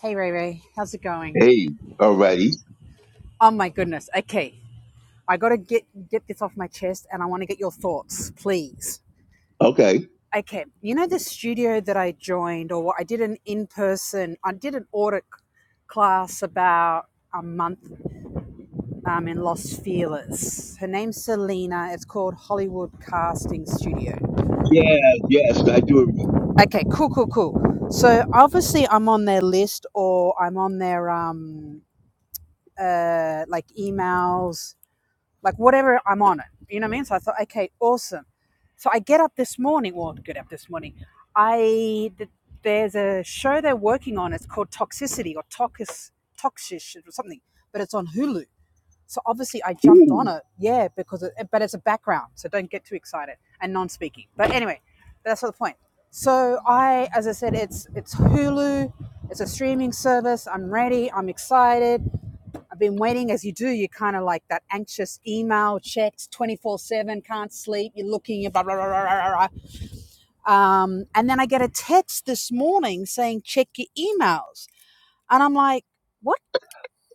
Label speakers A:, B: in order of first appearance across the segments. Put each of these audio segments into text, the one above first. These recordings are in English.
A: Hey Ray Ray, how's it going?
B: Hey, alrighty.
A: Oh my goodness. Okay. I got to get get this off my chest and I want to get your thoughts, please.
B: Okay.
A: Okay. You know the studio that I joined or what I did an in-person I did an audit class about a month um, in Los Feliz. Her name's Selena. It's called Hollywood Casting Studio.
B: Yeah, yes, I do remember.
A: Okay, cool, cool, cool. So obviously I'm on their list or I'm on their um uh like emails like whatever I'm on it. You know what I mean? So I thought, okay, awesome. So I get up this morning. Well, get up this morning. I th- there's a show they're working on. It's called Toxicity or Toxis Toxish or something, but it's on Hulu. So obviously I jumped on
B: Ooh,
A: it, yeah, because it, but it's a background, so don't get too excited and non-speaking. But anyway, that's not the point. So I, as I said, it's it's Hulu. It's a streaming service. I'm ready. I'm excited. I've been waiting. As you do, you're kind of like that anxious email checks 24 7, can't sleep, you're looking, blah, blah, blah, blah, blah, Um, and then I get a text this morning saying, check your emails. And I'm like, what?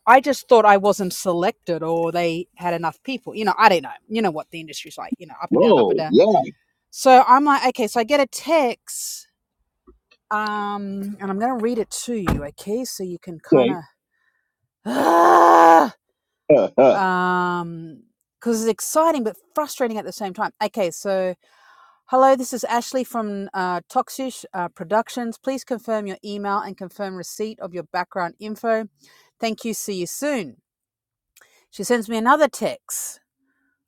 A: I just thought I wasn't selected or they had enough people. You know, I don't know. You know what the industry's like, you know, up and down, up
B: whoa,
A: and down.
B: yeah,
A: So I'm like, okay, so I get a text um, and I'm going to read it to you, okay? So you can kind
B: okay.
A: of. Uh,
B: Uh, uh,
A: um because it's exciting but frustrating at the same time okay so hello this is ashley from uh, toxish uh, productions please confirm your email and confirm receipt of your background info thank you see you soon she sends me another text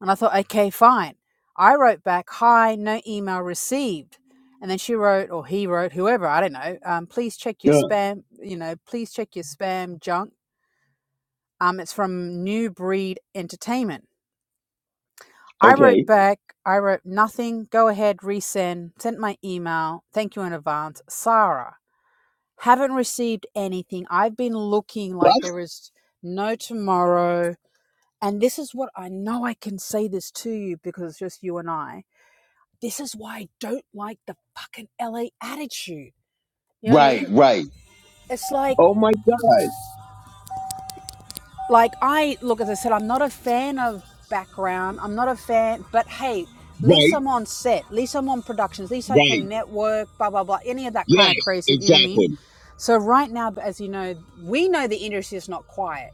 A: and i thought okay fine i wrote back hi no email received and then she wrote or he wrote whoever i don't know um, please check your
B: uh,
A: spam you know please check your spam junk um, it's from new breed entertainment I
B: okay.
A: wrote back, I wrote nothing, go ahead, resend, sent my email, thank you in advance. Sarah, haven't received anything. I've been looking like
B: What?
A: there is no tomorrow. And this is what I know I can say this to you because it's just you and I. This is why I don't like the fucking LA attitude. You know what I
B: Right,
A: mean?
B: right.
A: It's like
B: Oh my God.
A: Like I look, as I said, I'm not a fan of background. I'm not a fan, but hey, at least
B: Right,
A: I'm on set. At least I'm on productions. At least I
B: right.
A: can network. Blah blah blah. Any of that kind of
B: Yes,
A: crazy. You know what I mean?
B: exactly.
A: So right now, as you know, we know the industry is not quiet,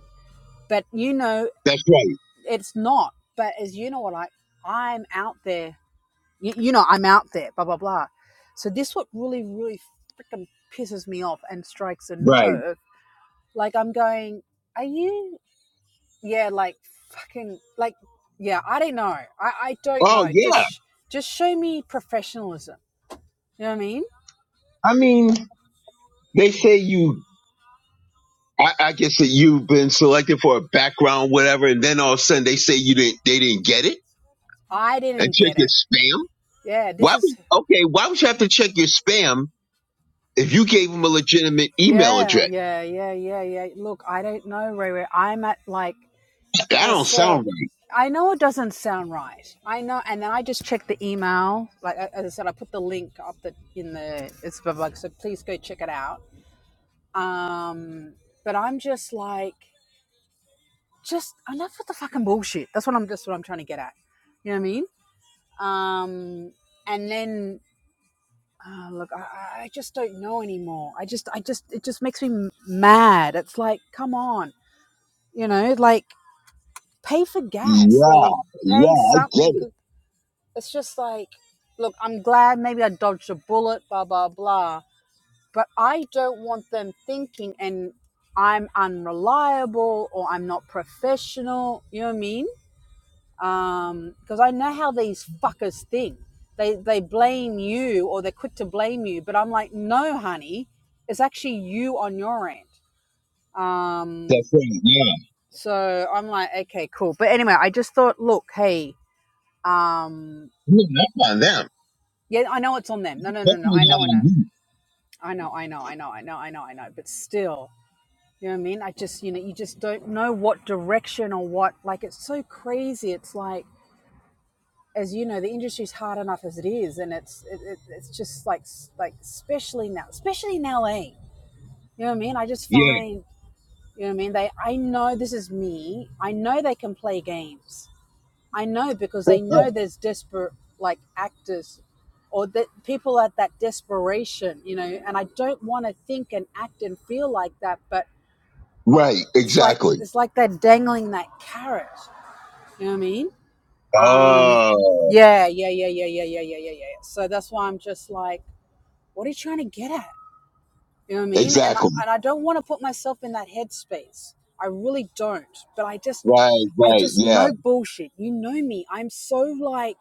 A: but you know
B: That's right.
A: it's not. But as you know, what I I'm out there. You, you know I'm out there. Blah blah blah. So this what really really freaking pisses me off and strikes a
B: Right.
A: nerve. Like I'm going, are you? yeah, like fucking, like yeah, I don't know. I I don't
B: Oh
A: know. Just
B: yeah.
A: sh- just show me professionalism. You know what I mean?
B: I mean, they say you, I, I guess that you've been selected for a background, whatever, and then all of a sudden they say you didn't, they didn't get it
A: I
B: and
A: didn't
B: check
A: get
B: your
A: it.
B: spam.
A: Yeah, this
B: Why
A: is
B: would, okay, why would you have to check your spam if you gave them a legitimate email address?
A: yeah, yeah, yeah, yeah, yeah. Look, I don't know, Ray. Ray. I'm at like as
B: That
A: I
B: don't
A: said.
B: sound right.
A: I know it doesn't sound right. I know, and then I just checked the email. Like as I said, I put the link up the in the it's above, like so. Please go check it out. Um, but I'm just like just enough with the fucking bullshit. That's what I'm. That's what I'm trying to get at. You know what I mean? Um, and then uh, look, I, I just don't know anymore. I just, I just, it just makes me mad. It's like, come on, you know, like pay for gas
B: Yeah,
A: or pay
B: yeah, I
A: something.
B: get it.
A: It's just like, look, I'm glad maybe I dodged a bullet, blah blah blah. But I don't want them thinking and I'm unreliable or I'm not professional. You know what I mean? um because i know how these fuckers think they they blame you or they're quick to blame you but i'm like no honey it's actually you on your end um
B: That's right. Yeah,
A: so i'm like okay cool but anyway i just thought look hey um
B: no, not on them.
A: yeah i know it's on them no no no no
B: Definitely
A: i
B: not
A: know i
B: on
A: know
B: you.
A: i know i know i know i know i know i know but still you know what i mean i just you know you just don't know what direction or what like it's so crazy it's like as you know, the industry's hard enough as it is, and it's it, it, it's just like like especially now, especially in LA. You know what I mean? I just
B: Yeah,
A: find you know what I mean. They, I know this is me. I know they can play games. I know because they know there's desperate like actors, or that people at that desperation. You know, and I don't want to think and act and feel like that, but
B: right.
A: it's like
B: Exactly.
A: it's like they're dangling that carrot. You know what I mean? Um,
B: Oh,
A: yeah, yeah, yeah, yeah, yeah, yeah, yeah, yeah, yeah. So that's why I'm just like, what are you trying to get at? You know what I mean? And I,
B: exactly.
A: and I don't want to put myself in that headspace. I really don't. But I just,
B: Right,
A: I
B: right.
A: just
B: Yeah,
A: know bullshit. You know me. I'm so like,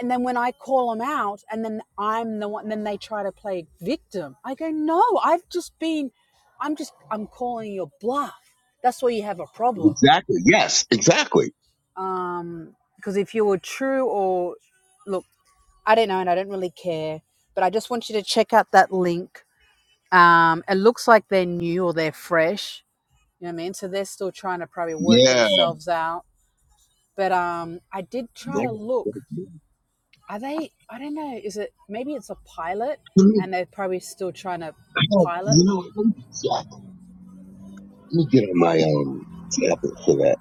A: and then when I call them out, and then I'm the one, and then they try to play victim. I go, no, I've just been, I'm just, I'm calling your bluff. That's where you have a problem.
B: exactly. Yes, exactly.
A: Um, because if you were true or look. I don't know, and I don't really care. But I just want you to check out that link. Um, it looks like they're new or they're fresh. You know what I mean? So they're still trying to probably work
B: Yeah.
A: themselves out. But um, I did try to
B: That's-
A: look.
B: that's- yeah.
A: Are they? I don't know. Is it maybe it's a pilot,
B: I mean,
A: and they're probably still trying to
B: I don't-
A: pilot?
B: You know, what? let me check. Let me get on my um tablet for that.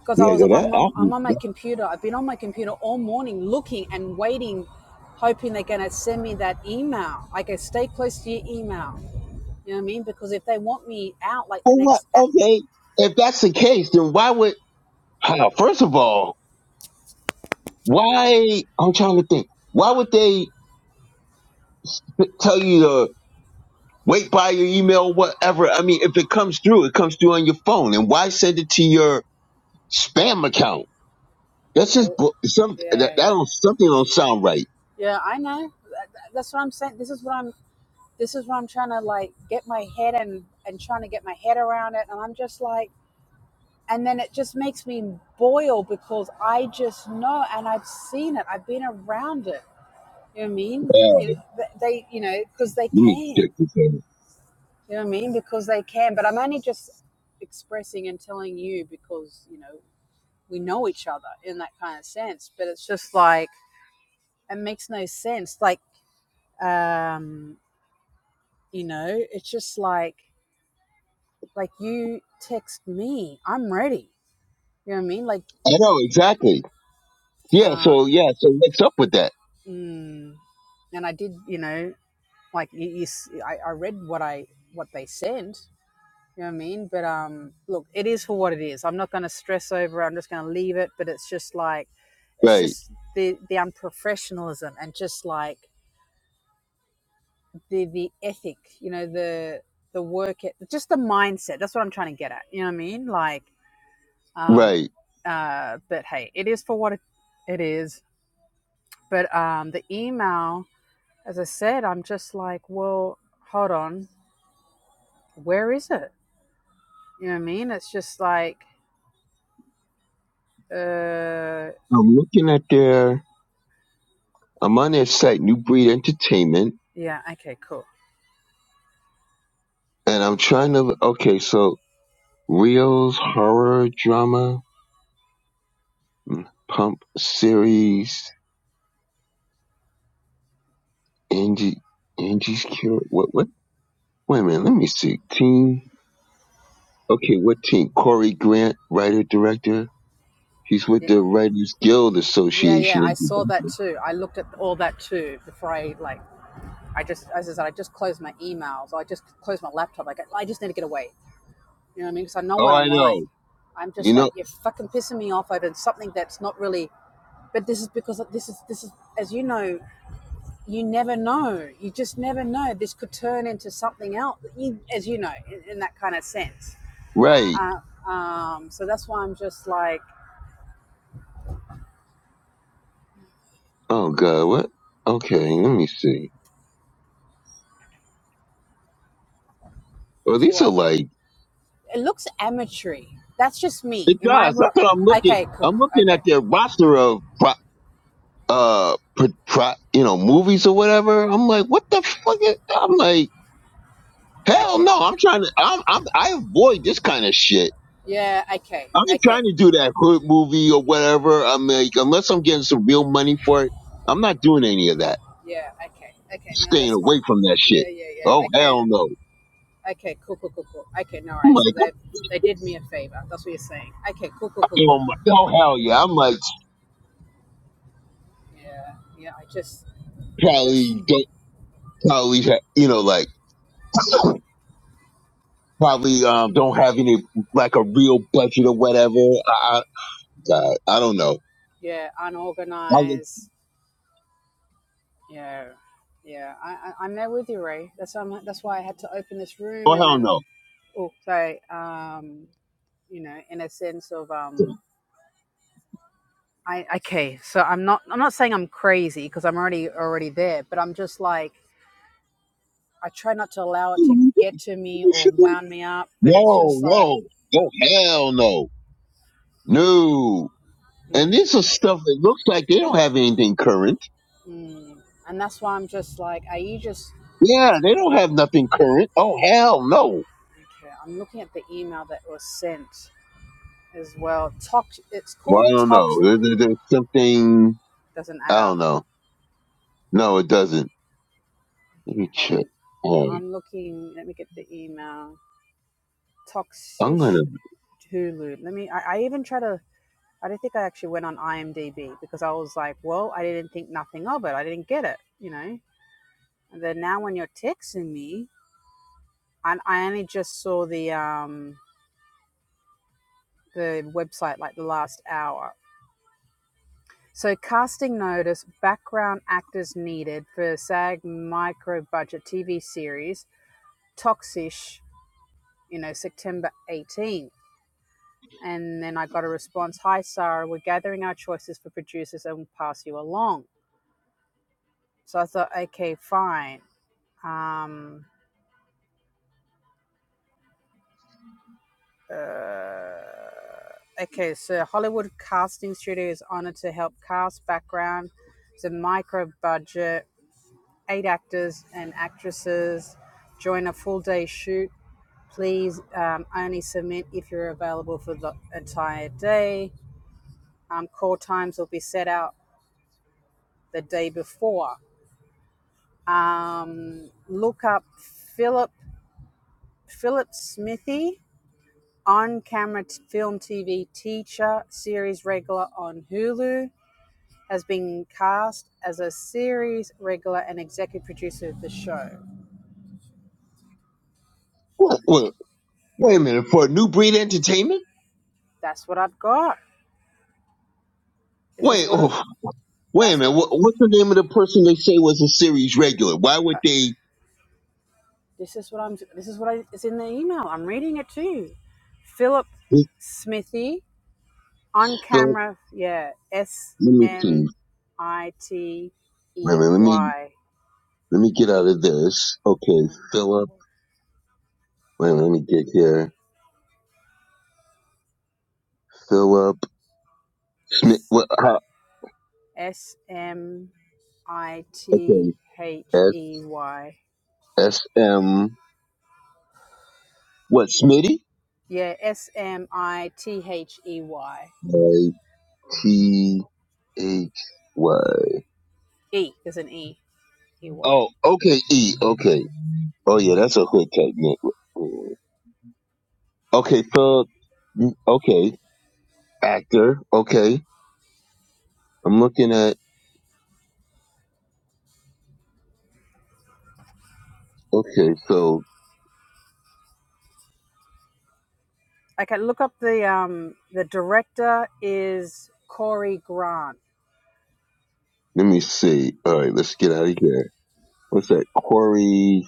A: Because I
B: Yeah,
A: was
B: that, that,
A: I'm on, I'm
B: that,
A: on my
B: that.
A: computer. I've been on my computer all morning looking and waiting, hoping they're gonna send me that email. Like, I stay close to your email. You know what I mean? Because if they want me out like the
B: Well, what?
A: next
B: Okay, if that's the case, then why would? Huh, First of all, why I'm trying to think. Why would they p- tell you to wait by your email, whatever? I mean, if it comes through, it comes through on your phone, and why send it to your spam account? That's
A: Yeah,
B: just bu- some that, that
A: yeah, yeah.
B: don't something don't sound right.
A: Yeah, I know. That- that- That's what I'm saying. This is what I'm. This is what I'm trying to like get my head and and trying to get my head around it. And I'm just like, and then it just makes me boil because I just know, and I've seen it. I've been around it. You know what I mean?
B: Yeah,
A: You know, th- they, you know, because they
B: let me
A: can.
B: check this out.
A: You know what I mean? Because they can. But I'm only just expressing and telling you because you know we know each other in that kind of sense. But it's just like it makes no sense. Like um you know it's just like like you text me i'm ready you know what i mean like
B: I know exactly. Yeah,
A: uh
B: so yeah, so what's up with that?
A: mm, and i did you know like you, you s- I, I read what i what they sent you know what i mean but um look it is for what it is i'm not going to stress over it. i'm just going to leave it but it's just like it's
B: Right,
A: just the the unprofessionalism and just like the the ethic you know the the work it just the mindset that's what i'm trying to get at you know what i mean like Um,
B: right.
A: uh, but hey, it is for what it, it is. But um, the email, as I said, I'm just like, well, hold on, where is it? You know what I mean? It's just like, uh,
B: I'm looking at their. I'm on their site, New Breed Entertainment,
A: yeah, okay, cool.
B: and I'm trying to. Okay, so reels, horror, drama. Pump series, Angie, Angie's Cure. What? What? Wait a minute. Let me see. Team. Okay, what team? Corey Grant, writer director. He's with
A: Y-
B: the Writers Guild
A: Yeah, yeah, I
B: Association.
A: saw that too. I looked at all that too before I like. I just, as I said, I just closed my emails. I just closed my laptop. I go, I just need to get away. You know what I mean? Because I know
B: Oh,
A: what I'm
B: I
A: like.
B: know.
A: I'm just
B: You
A: like,
B: know,
A: you're fucking pissing me off over something that's not really But this is because this is this is as you know, you never know. You just never know. This could turn into something else, as you know, in, in that kind of sense.
B: right?
A: Uh, um, so that's why I'm just like,
B: Oh God, what? Okay, let me see. Well,
A: to
B: these
A: uh,
B: are like
A: it looks amateur. That's just me.
B: the
A: Am I
B: guys.
A: wrong?
B: That's what I'm looking.
A: Okay, cool.
B: I'm looking
A: Okay,
B: at their roster of pro, uh, pro, pro, you know, movies or whatever. I'm like, what the fuck? Is, I'm like. Hell
A: okay.
B: no, I'm trying to. I'm, I'm I avoid this kind of shit.
A: Yeah. Okay.
B: I'm not
A: Okay.
B: trying to do that hood movie or whatever. I'm like, unless I'm getting some real money for it, I'm not doing any of that.
A: Yeah. Okay. Okay. No,
B: Staying
A: that's fine.
B: away from that shit.
A: Yeah. Yeah. Yeah.
B: Oh
A: Okay.
B: hell no.
A: Okay. Cool. Cool. Cool. Cool. Okay. No
B: I'm
A: worries. So
B: like,
A: they they did me a favor. That's what you're saying. Okay. Cool. Cool. Cool. Cool.
B: oh, my, oh hell yeah. I'm like
A: Yeah, yeah. I just I just
B: probably don't probably ha- you know like probably um don't have any like a real budget or whatever. I, I God, I don't know.
A: yeah,
B: I was,
A: unorganized. Yeah, yeah. I, I I'm there with you, Ray. That's why I'm, that's why I had to open this room,
B: oh
A: and
B: hell
A: then
B: no.
A: oh, so um, you know, in a sense of um, I okay. So I'm not I'm not saying I'm crazy because I'm already already there, but I'm just like I try not to allow it to get to me or wound me up, but it's
B: No
A: just like.
B: no oh hell no. No. And
A: Mm,
B: this is stuff that looks like they don't have anything current.
A: mm. And that's why I'm just like, are you just
B: Yeah, they don't have nothing current. Oh, hell no.
A: okay? I'm looking at the email that was sent as well. tox. It's called
B: Well, I don't know.
A: tox.
B: There- there- There's something,
A: Doesn't add
B: I
A: up.
B: don't know. No, it doesn't. Let
A: Okay,
B: me
A: hold
B: check.
A: on. Yeah,
B: Oh,
A: I'm looking. Let me get the email.
B: I'm going
A: Toxish
B: to,
A: Hulu. Let me. I, I even try to. I don't think I actually went on IMDb because I was like, well, I didn't think nothing of it. I didn't get it. You know. And then now when you're texting me, and I only just saw the um the website like the last hour. So casting notice: background actors needed for SAG micro budget TV series Toxish, you know, September 18th. And then I got a response Hi, Sarah, we're gathering our choices for producers and we'll pass you along. So I thought, okay, fine. Um, uh, okay, so Hollywood Casting Studio is honored to help cast background. It's a micro budget, eight actors and actresses join a full day shoot. Please um, only submit if you're available for the entire day. Um, call times will be set out the day before. Um, look up Philip Philip Smithy on camera t- film TV teacher series regular on Hulu has been cast as a series regular and executive producer of the show.
B: what, what, wait a minute. For New Breed Entertainment?
A: That's what I've got. This is
B: Wait,
A: what
B: oh,
A: I-
B: wait a
A: that's
B: minute.
A: what
B: What, what's the name of the person they say was a series regular? Why would they,
A: this is what I'm this is what I, it's in the email. I'm reading it to you. Philip Smithy on
B: Philip,
A: camera, yeah, S
B: let me see.
A: M I T
B: Wait a
A: E
B: minute. Let me,
A: Y.
B: let me get out of this. Okay, Philip. Wait a minute. Let me get here. Philip. Smi- What? How,
A: S M I T
B: okay.
A: H
B: S
A: E Y.
B: S M. What? Smitty?
A: Yeah, S M I T H E Y.
B: I T H. What?
A: E There's an E. E Y.
B: Oh, okay. E. Okay. Oh yeah, that's a hood type name. Mm. Okay, thug. Mm, Okay, actor. Okay, I'm looking at. Okay, so
A: Okay, look up the um the director is Corey Grant.
B: let me see. All right, let's get out of here. What's that? Corey.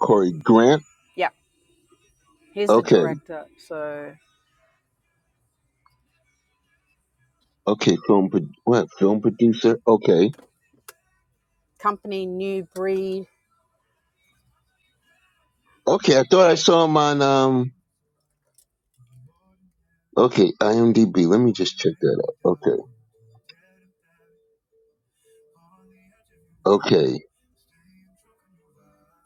B: Corey Grant.
A: Yeah, he's the
B: Okay.
A: director. So
B: Okay. Film. pro- What? Film producer. Okay.
A: company New Breed.
B: Okay. I thought I saw him on. Um. Okay, IMDb. Let me just check that out. Okay, okay.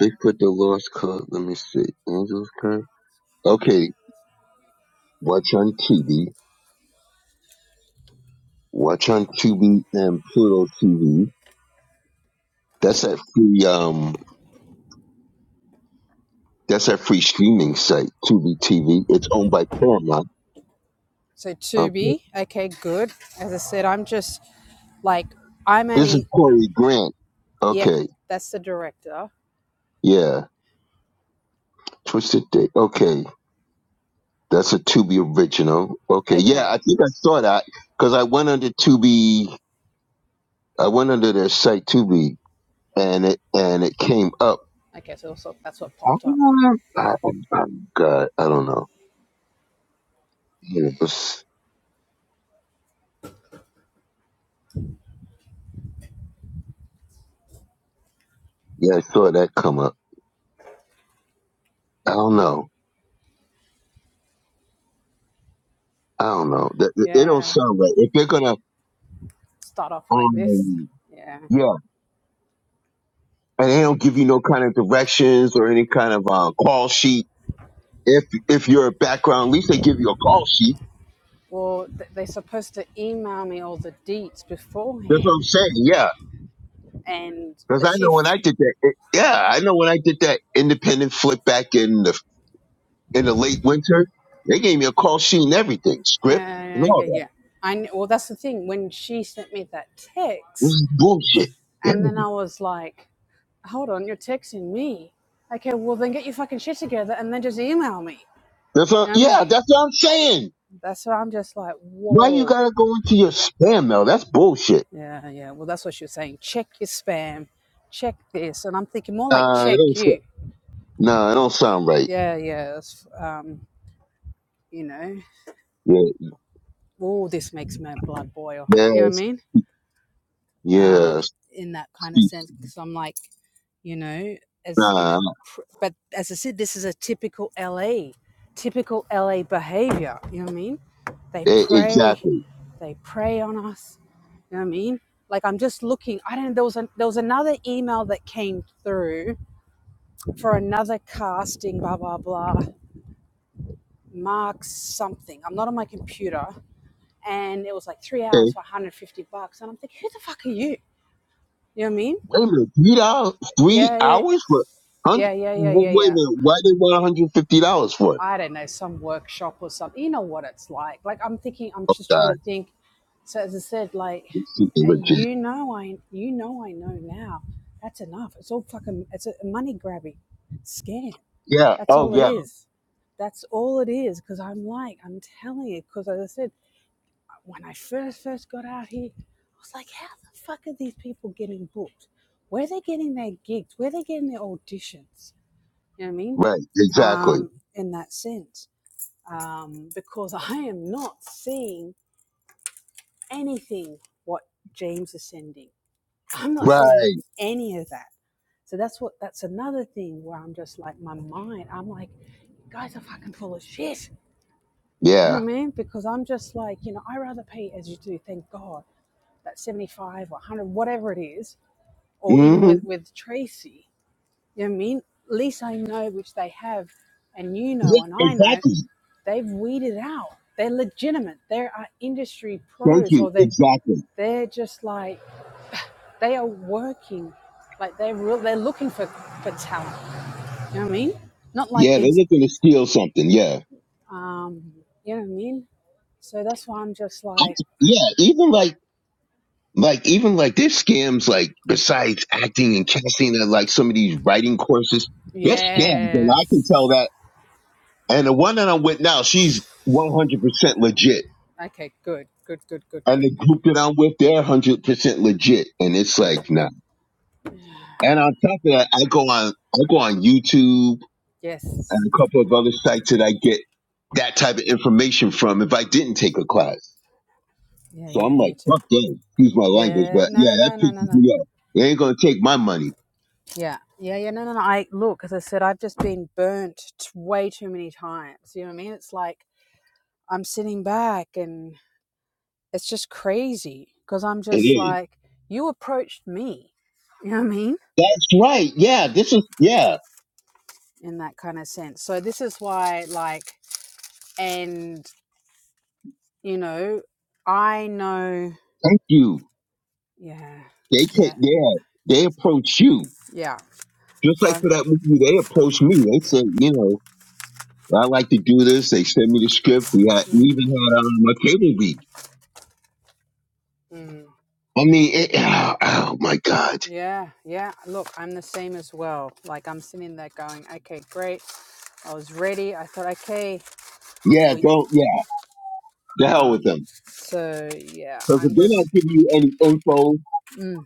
B: Bigfoot the Lost Cause. Let me see. Angels Curse. Okay, watch on TV. Watch on Tubi and Pluto TV. That's that free. Um, that's that free streaming site, Tubi TV. It's owned by Paramount.
A: So
B: Okay,
A: Tubi. Okay, good. As I said, I'm just Like I'm
B: this is
A: only
B: Corey Grant.
A: yeah,
B: Okay,
A: that's the director.
B: yeah. Twisted Day. Okay, that's a Tubi original. Okay, yeah. I
A: Okay.
B: think I saw that because I went under Tubi. I went under their site Tubi and it and it came up.
A: Okay, so, so that's what
B: I,
A: popped up.
B: I, I, God, I don't know. It was- yeah, I saw that come up. I don't know. I don't know. That, that- it don't
A: Yeah.
B: sound right. If they're gonna,
A: Start off like this.
B: um,
A: Yeah.
B: yeah, and they don't give you no kind of directions or any kind of uh, call sheet. If if you're a background, at least they give you a call sheet.
A: Well, th- they're supposed to email me all the deets
B: That's what I'm
A: beforehand
B: saying. Yeah,
A: and
B: because
A: the
B: I know when I
A: shift.
B: did that. It, yeah, I know when I did that independent flip back in the in the late winter, they gave me a call sheet and everything, script and
A: Yeah, yeah, yeah,
B: all that.
A: yeah. I kn- well, that's the thing. When she sent me that
B: This
A: text,
B: is bullshit. Yeah.
A: and then I was like, "Hold on, you're texting me." Okay, well then get your fucking shit together and then just email me.
B: That's
A: You
B: what,
A: know what I mean?
B: yeah, that's what I'm saying.
A: That's why I'm just like,
B: Why you
A: "Whoa."
B: gotta go into your spam mail? That's bullshit.
A: Yeah, yeah. Well, that's what she was saying. Check your spam, check this, and I'm thinking more like
B: Nah, it
A: check
B: don't. s-
A: you.
B: Nah, it don't sound right.
A: Yeah, yeah. it's, Um, you know,
B: Yeah,
A: oh, this makes my blood boil. You know what I
B: yes,
A: mean? Um,
B: yes.
A: in that kind of sense, because I'm like, you know, as you know,
B: Nah,
A: pr- but as I said, this is a typical LA, typical LA behavior. You know what I mean? They
B: e-
A: prey,
B: exactly.
A: they prey on us. You know what I mean? Like I'm just looking. I don't. There was a, there was another email that came through for another casting, blah, blah, blah, Mark something. I'm not on my computer. And it was like three
B: Okay.
A: hours for 150 bucks. And I'm thinking, who the fuck are you? You know what I mean?
B: Wait a minute, three dollars, three
A: Yeah,
B: hours for
A: yeah,
B: hundred.
A: yeah, yeah, yeah,
B: Wait
A: yeah.
B: a
A: yeah.
B: minute, why they want one hundred fifty dollars for it?
A: I don't know, some workshop or something. You know what it's like. Like, I'm thinking, I'm
B: Oh
A: just trying
B: God,
A: to think. So, as I said, like,
B: this shit is legit.
A: you know, I, you know, I know now. That's enough. It's all fucking, it's a money grabbing scam.
B: Yeah.
A: That's
B: Oh
A: all it
B: yeah.
A: is. That's all it is. Because I'm like, I'm telling you, because as I said, when I first, first got out here, I was like, how the fuck are these people getting booked? Where are they getting their gigs? Where are they getting their auditions? You know what I mean?
B: Right. Exactly.
A: Um, in that sense. Um, because I am not seeing anything what James is sending. I'm not
B: Right.
A: seeing any of that. So that's what that's another thing where I'm just like my mind, I'm like, guys are fucking full of shit You know
B: Yeah.
A: what I mean? Because I'm just like, you know, I rather pay as you do, thank God, that 75 or 100, whatever it is, or even
B: hmm
A: with, with Tracy, you know what I mean? At least I know, which they have, and you
B: Yeah.
A: know, and I know,
B: Exactly.
A: they've weeded out. They're legitimate. They are industry
B: Thank
A: pros,
B: you.
A: or they're,
B: Exactly.
A: they're just like, they are working. Like they're real, they're looking for, for talent. You know what I mean? Not like
B: Yeah, they're
A: these,
B: looking to steal something. Yeah.
A: um, you know what I mean? So that's why I'm just like,
B: I'm- Yeah, even like like even like there's scams like besides acting and casting and like some of these writing courses, there's scams and I can tell
A: Yes.
B: that. And the one that I'm with now, she's 100% legit.
A: Okay, good. Good, good, good,
B: And
A: good,
B: the
A: good.
B: group that I'm with, they're 100% legit. And it's
A: Good.
B: like, nah. And on top of that, I go on, I go on YouTube and
A: Yes.
B: a couple of other sites that I get that type of information from if I didn't take a class.
A: Yeah,
B: So
A: yeah,
B: I'm
A: me
B: like,
A: too.
B: fuck that. Excuse my language,
A: Yeah.
B: but
A: No,
B: yeah,
A: no,
B: that
A: no, no, no,
B: pisses
A: no.
B: me off. They ain't gonna take my money.
A: Yeah. Yeah, yeah, no, no, no. I look, as I said, I've just been burnt t- way too many times. You know what I mean? It's like I'm sitting back and it's just crazy because I'm
B: It
A: just
B: is.
A: like, you approached me. You know what I mean?
B: That's right. Yeah, this is, yeah.
A: In that kind of sense. So this is why, like, and, you know, I know,
B: Thank you.
A: yeah.
B: They take,
A: Yeah,
B: yeah, they approach you.
A: Yeah.
B: Just
A: So,
B: like
A: I'm,
B: for that movie, they approached me. They said, you know, I like to do this. They sent me the script. We, had, we
A: mm,
B: even had um, my cable week.
A: mm,
B: I mean, it, oh, oh my God.
A: yeah, yeah. Look, I'm the same as well. Like, I'm sitting there going, okay, great. I was ready. I thought, okay,
B: Yeah,
A: we.
B: don't, yeah, the hell with
A: Um,
B: them.
A: so, yeah,
B: Because if
A: I'm
B: they're
A: just,
B: not giving you any info,
A: mm,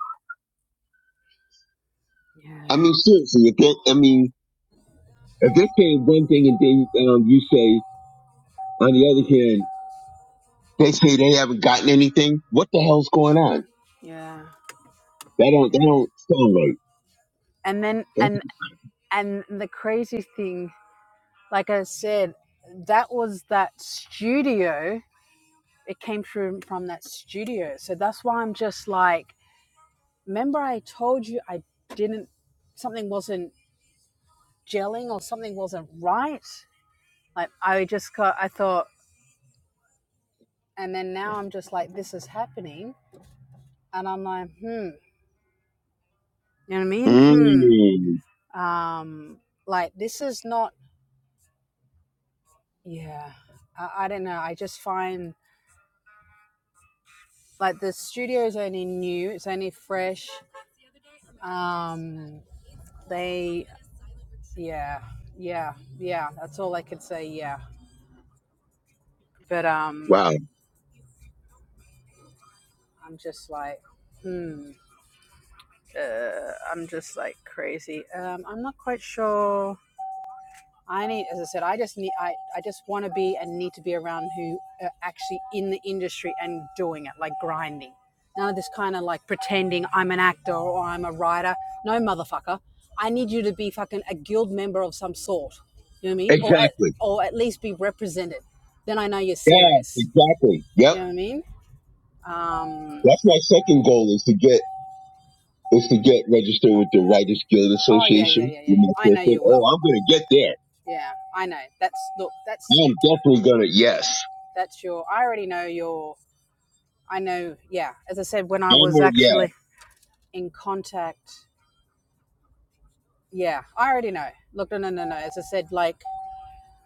B: I
A: yeah,
B: mean, seriously, if they, I mean, if they say one thing and then um, you say On the other hand, they say they haven't gotten anything. What the hell's going on?
A: yeah,
B: That don't that
A: yeah.
B: don't sound
A: And then,
B: right.
A: and, and the crazy thing, like I said, that was that studio. It came through from that studio. So that's why I'm just like, remember I told you I didn't, something wasn't gelling or something wasn't right. Like I just got, I thought, and then now I'm just like, this is happening, and I'm like, hmm, you know what I mean?
B: Mm,
A: Hmm, um, like this is not, yeah, I, I don't know. I just find like the studio is only new, it's only fresh. Um, they, yeah, yeah, yeah. That's all I could say. Yeah, but um,
B: wow.
A: I'm just like, hmm. uh, I'm just like crazy. Um, I'm not quite sure. I need, as I said, I just need, I, I just want to be and need to be around who are actually in the industry and doing it, like grinding. None of this kind of like pretending I'm an actor or I'm a writer. No, motherfucker. I need you to be fucking a guild member of some sort. You know what I mean? Or at,
B: Exactly.
A: or at least be represented. Then I know you're
B: Yeah,
A: serious.
B: exactly. Yep.
A: You know what I mean? Um,
B: That's my second goal is to get is to get registered with the Writers Guild
A: oh, yeah,
B: Association.
A: yeah, yeah, yeah,
B: You
A: yeah.
B: know,
A: I
B: so I
A: know
B: think,
A: you
B: Oh,
A: well.
B: I'm gonna get there.
A: Yeah, I know. That's, look, that's
B: I'm definitely gonna yes.
A: That's your, I already know your, I know, yeah. As I said, when I
B: I'm
A: was
B: gonna- yeah.
A: actually in contact, yeah, I already know. Look, no, no, no, no. As I said, like,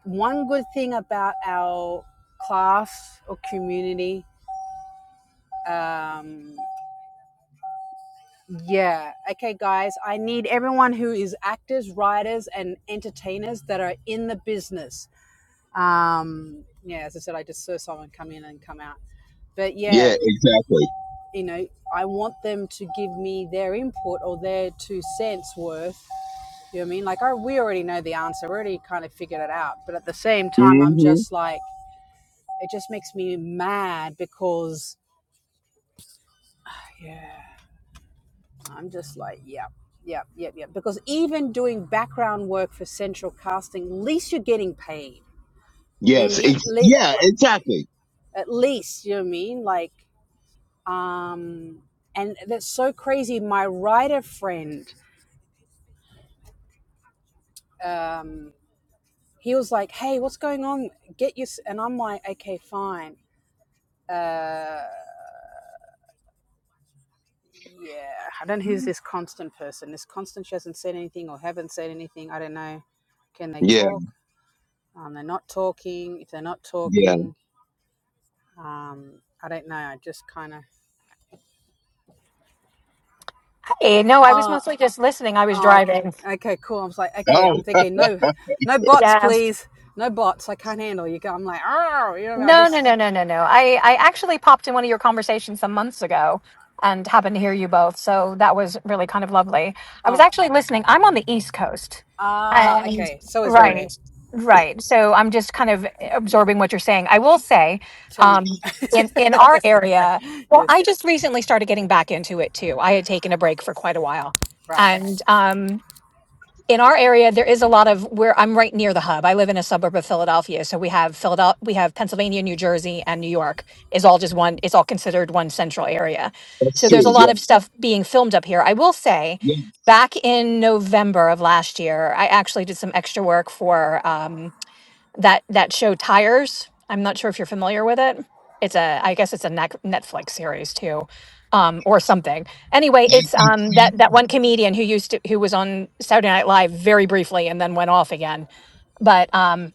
A: one good thing about our class or community, um, yeah. Okay, guys, I need everyone who is actors, writers, and entertainers that are in the business. Um, yeah, as I said, I just saw someone come in and come out. But yeah,
B: Yeah, exactly.
A: you know, I want them to give me their input or their two cents worth. You know what I mean? Like, I, we already know the answer. We already kind of figured it out. But at the same time, I'm
B: hmm
A: just like, it just makes me mad because, yeah, I'm just like, yeah, yeah, yeah, yeah. Because even doing background work for central casting, at least you're getting paid. You know what I
B: Yes.
A: mean?
B: Ex-
A: Le-
B: yeah,
A: like,
B: exactly.
A: at least, you know what I mean? Like, um, and that's so crazy. My writer friend, um, he was like, "Hey, what's going on? Get your..." And I'm like, "Okay, fine. Uh, yeah, I don't know who's this constant person. This constant she hasn't said anything or haven't said anything. I don't know. Can they
B: Yeah,
A: talk? Um, they're not talking. If they're not
B: yeah.
A: talking, um, I don't know. I just kind of,
C: Hey, no, I was
A: oh,
C: mostly just listening. I was
A: oh,
C: driving.
A: okay, okay, cool. I was like, okay, I'm
B: Oh,
A: thinking, no, no bots,
C: Yeah.
A: please, no bots. I can't handle you. I'm like, oh, you know, I
C: No, no, no,
A: just,
C: no, no, no. I, I actually popped in one of your conversations some months ago and happened to hear you both. So that was really kind of lovely. I was
A: oh,
C: actually listening. I'm on the East Coast.
A: ah,
C: And
A: okay. So is Ray Ray.
C: right, right. So I'm just kind of absorbing what you're saying. I will say,
A: Tell me.
C: um, in, in our area, well, I
A: yes,
C: just recently started getting back into it too. I had taken a break for quite a while.
A: right.
C: And um, in our area there is a lot of where i'm right near the hub i live in a suburb of philadelphia so we have philadelphia we have pennsylvania new jersey and new york is all just one it's all considered one central area
B: that's
C: so there's a
B: true. Yeah,
C: lot of stuff being filmed up here i will say
B: yeah.
C: back in november of last year i actually did some extra work for Um, that that show Tires. I'm not sure if you're familiar with it. It's a I guess it's a Nec- Netflix series too, um, or something. Anyway, it's um, that that one comedian who used to who was on Saturday Night Live very briefly and then went off again. But um,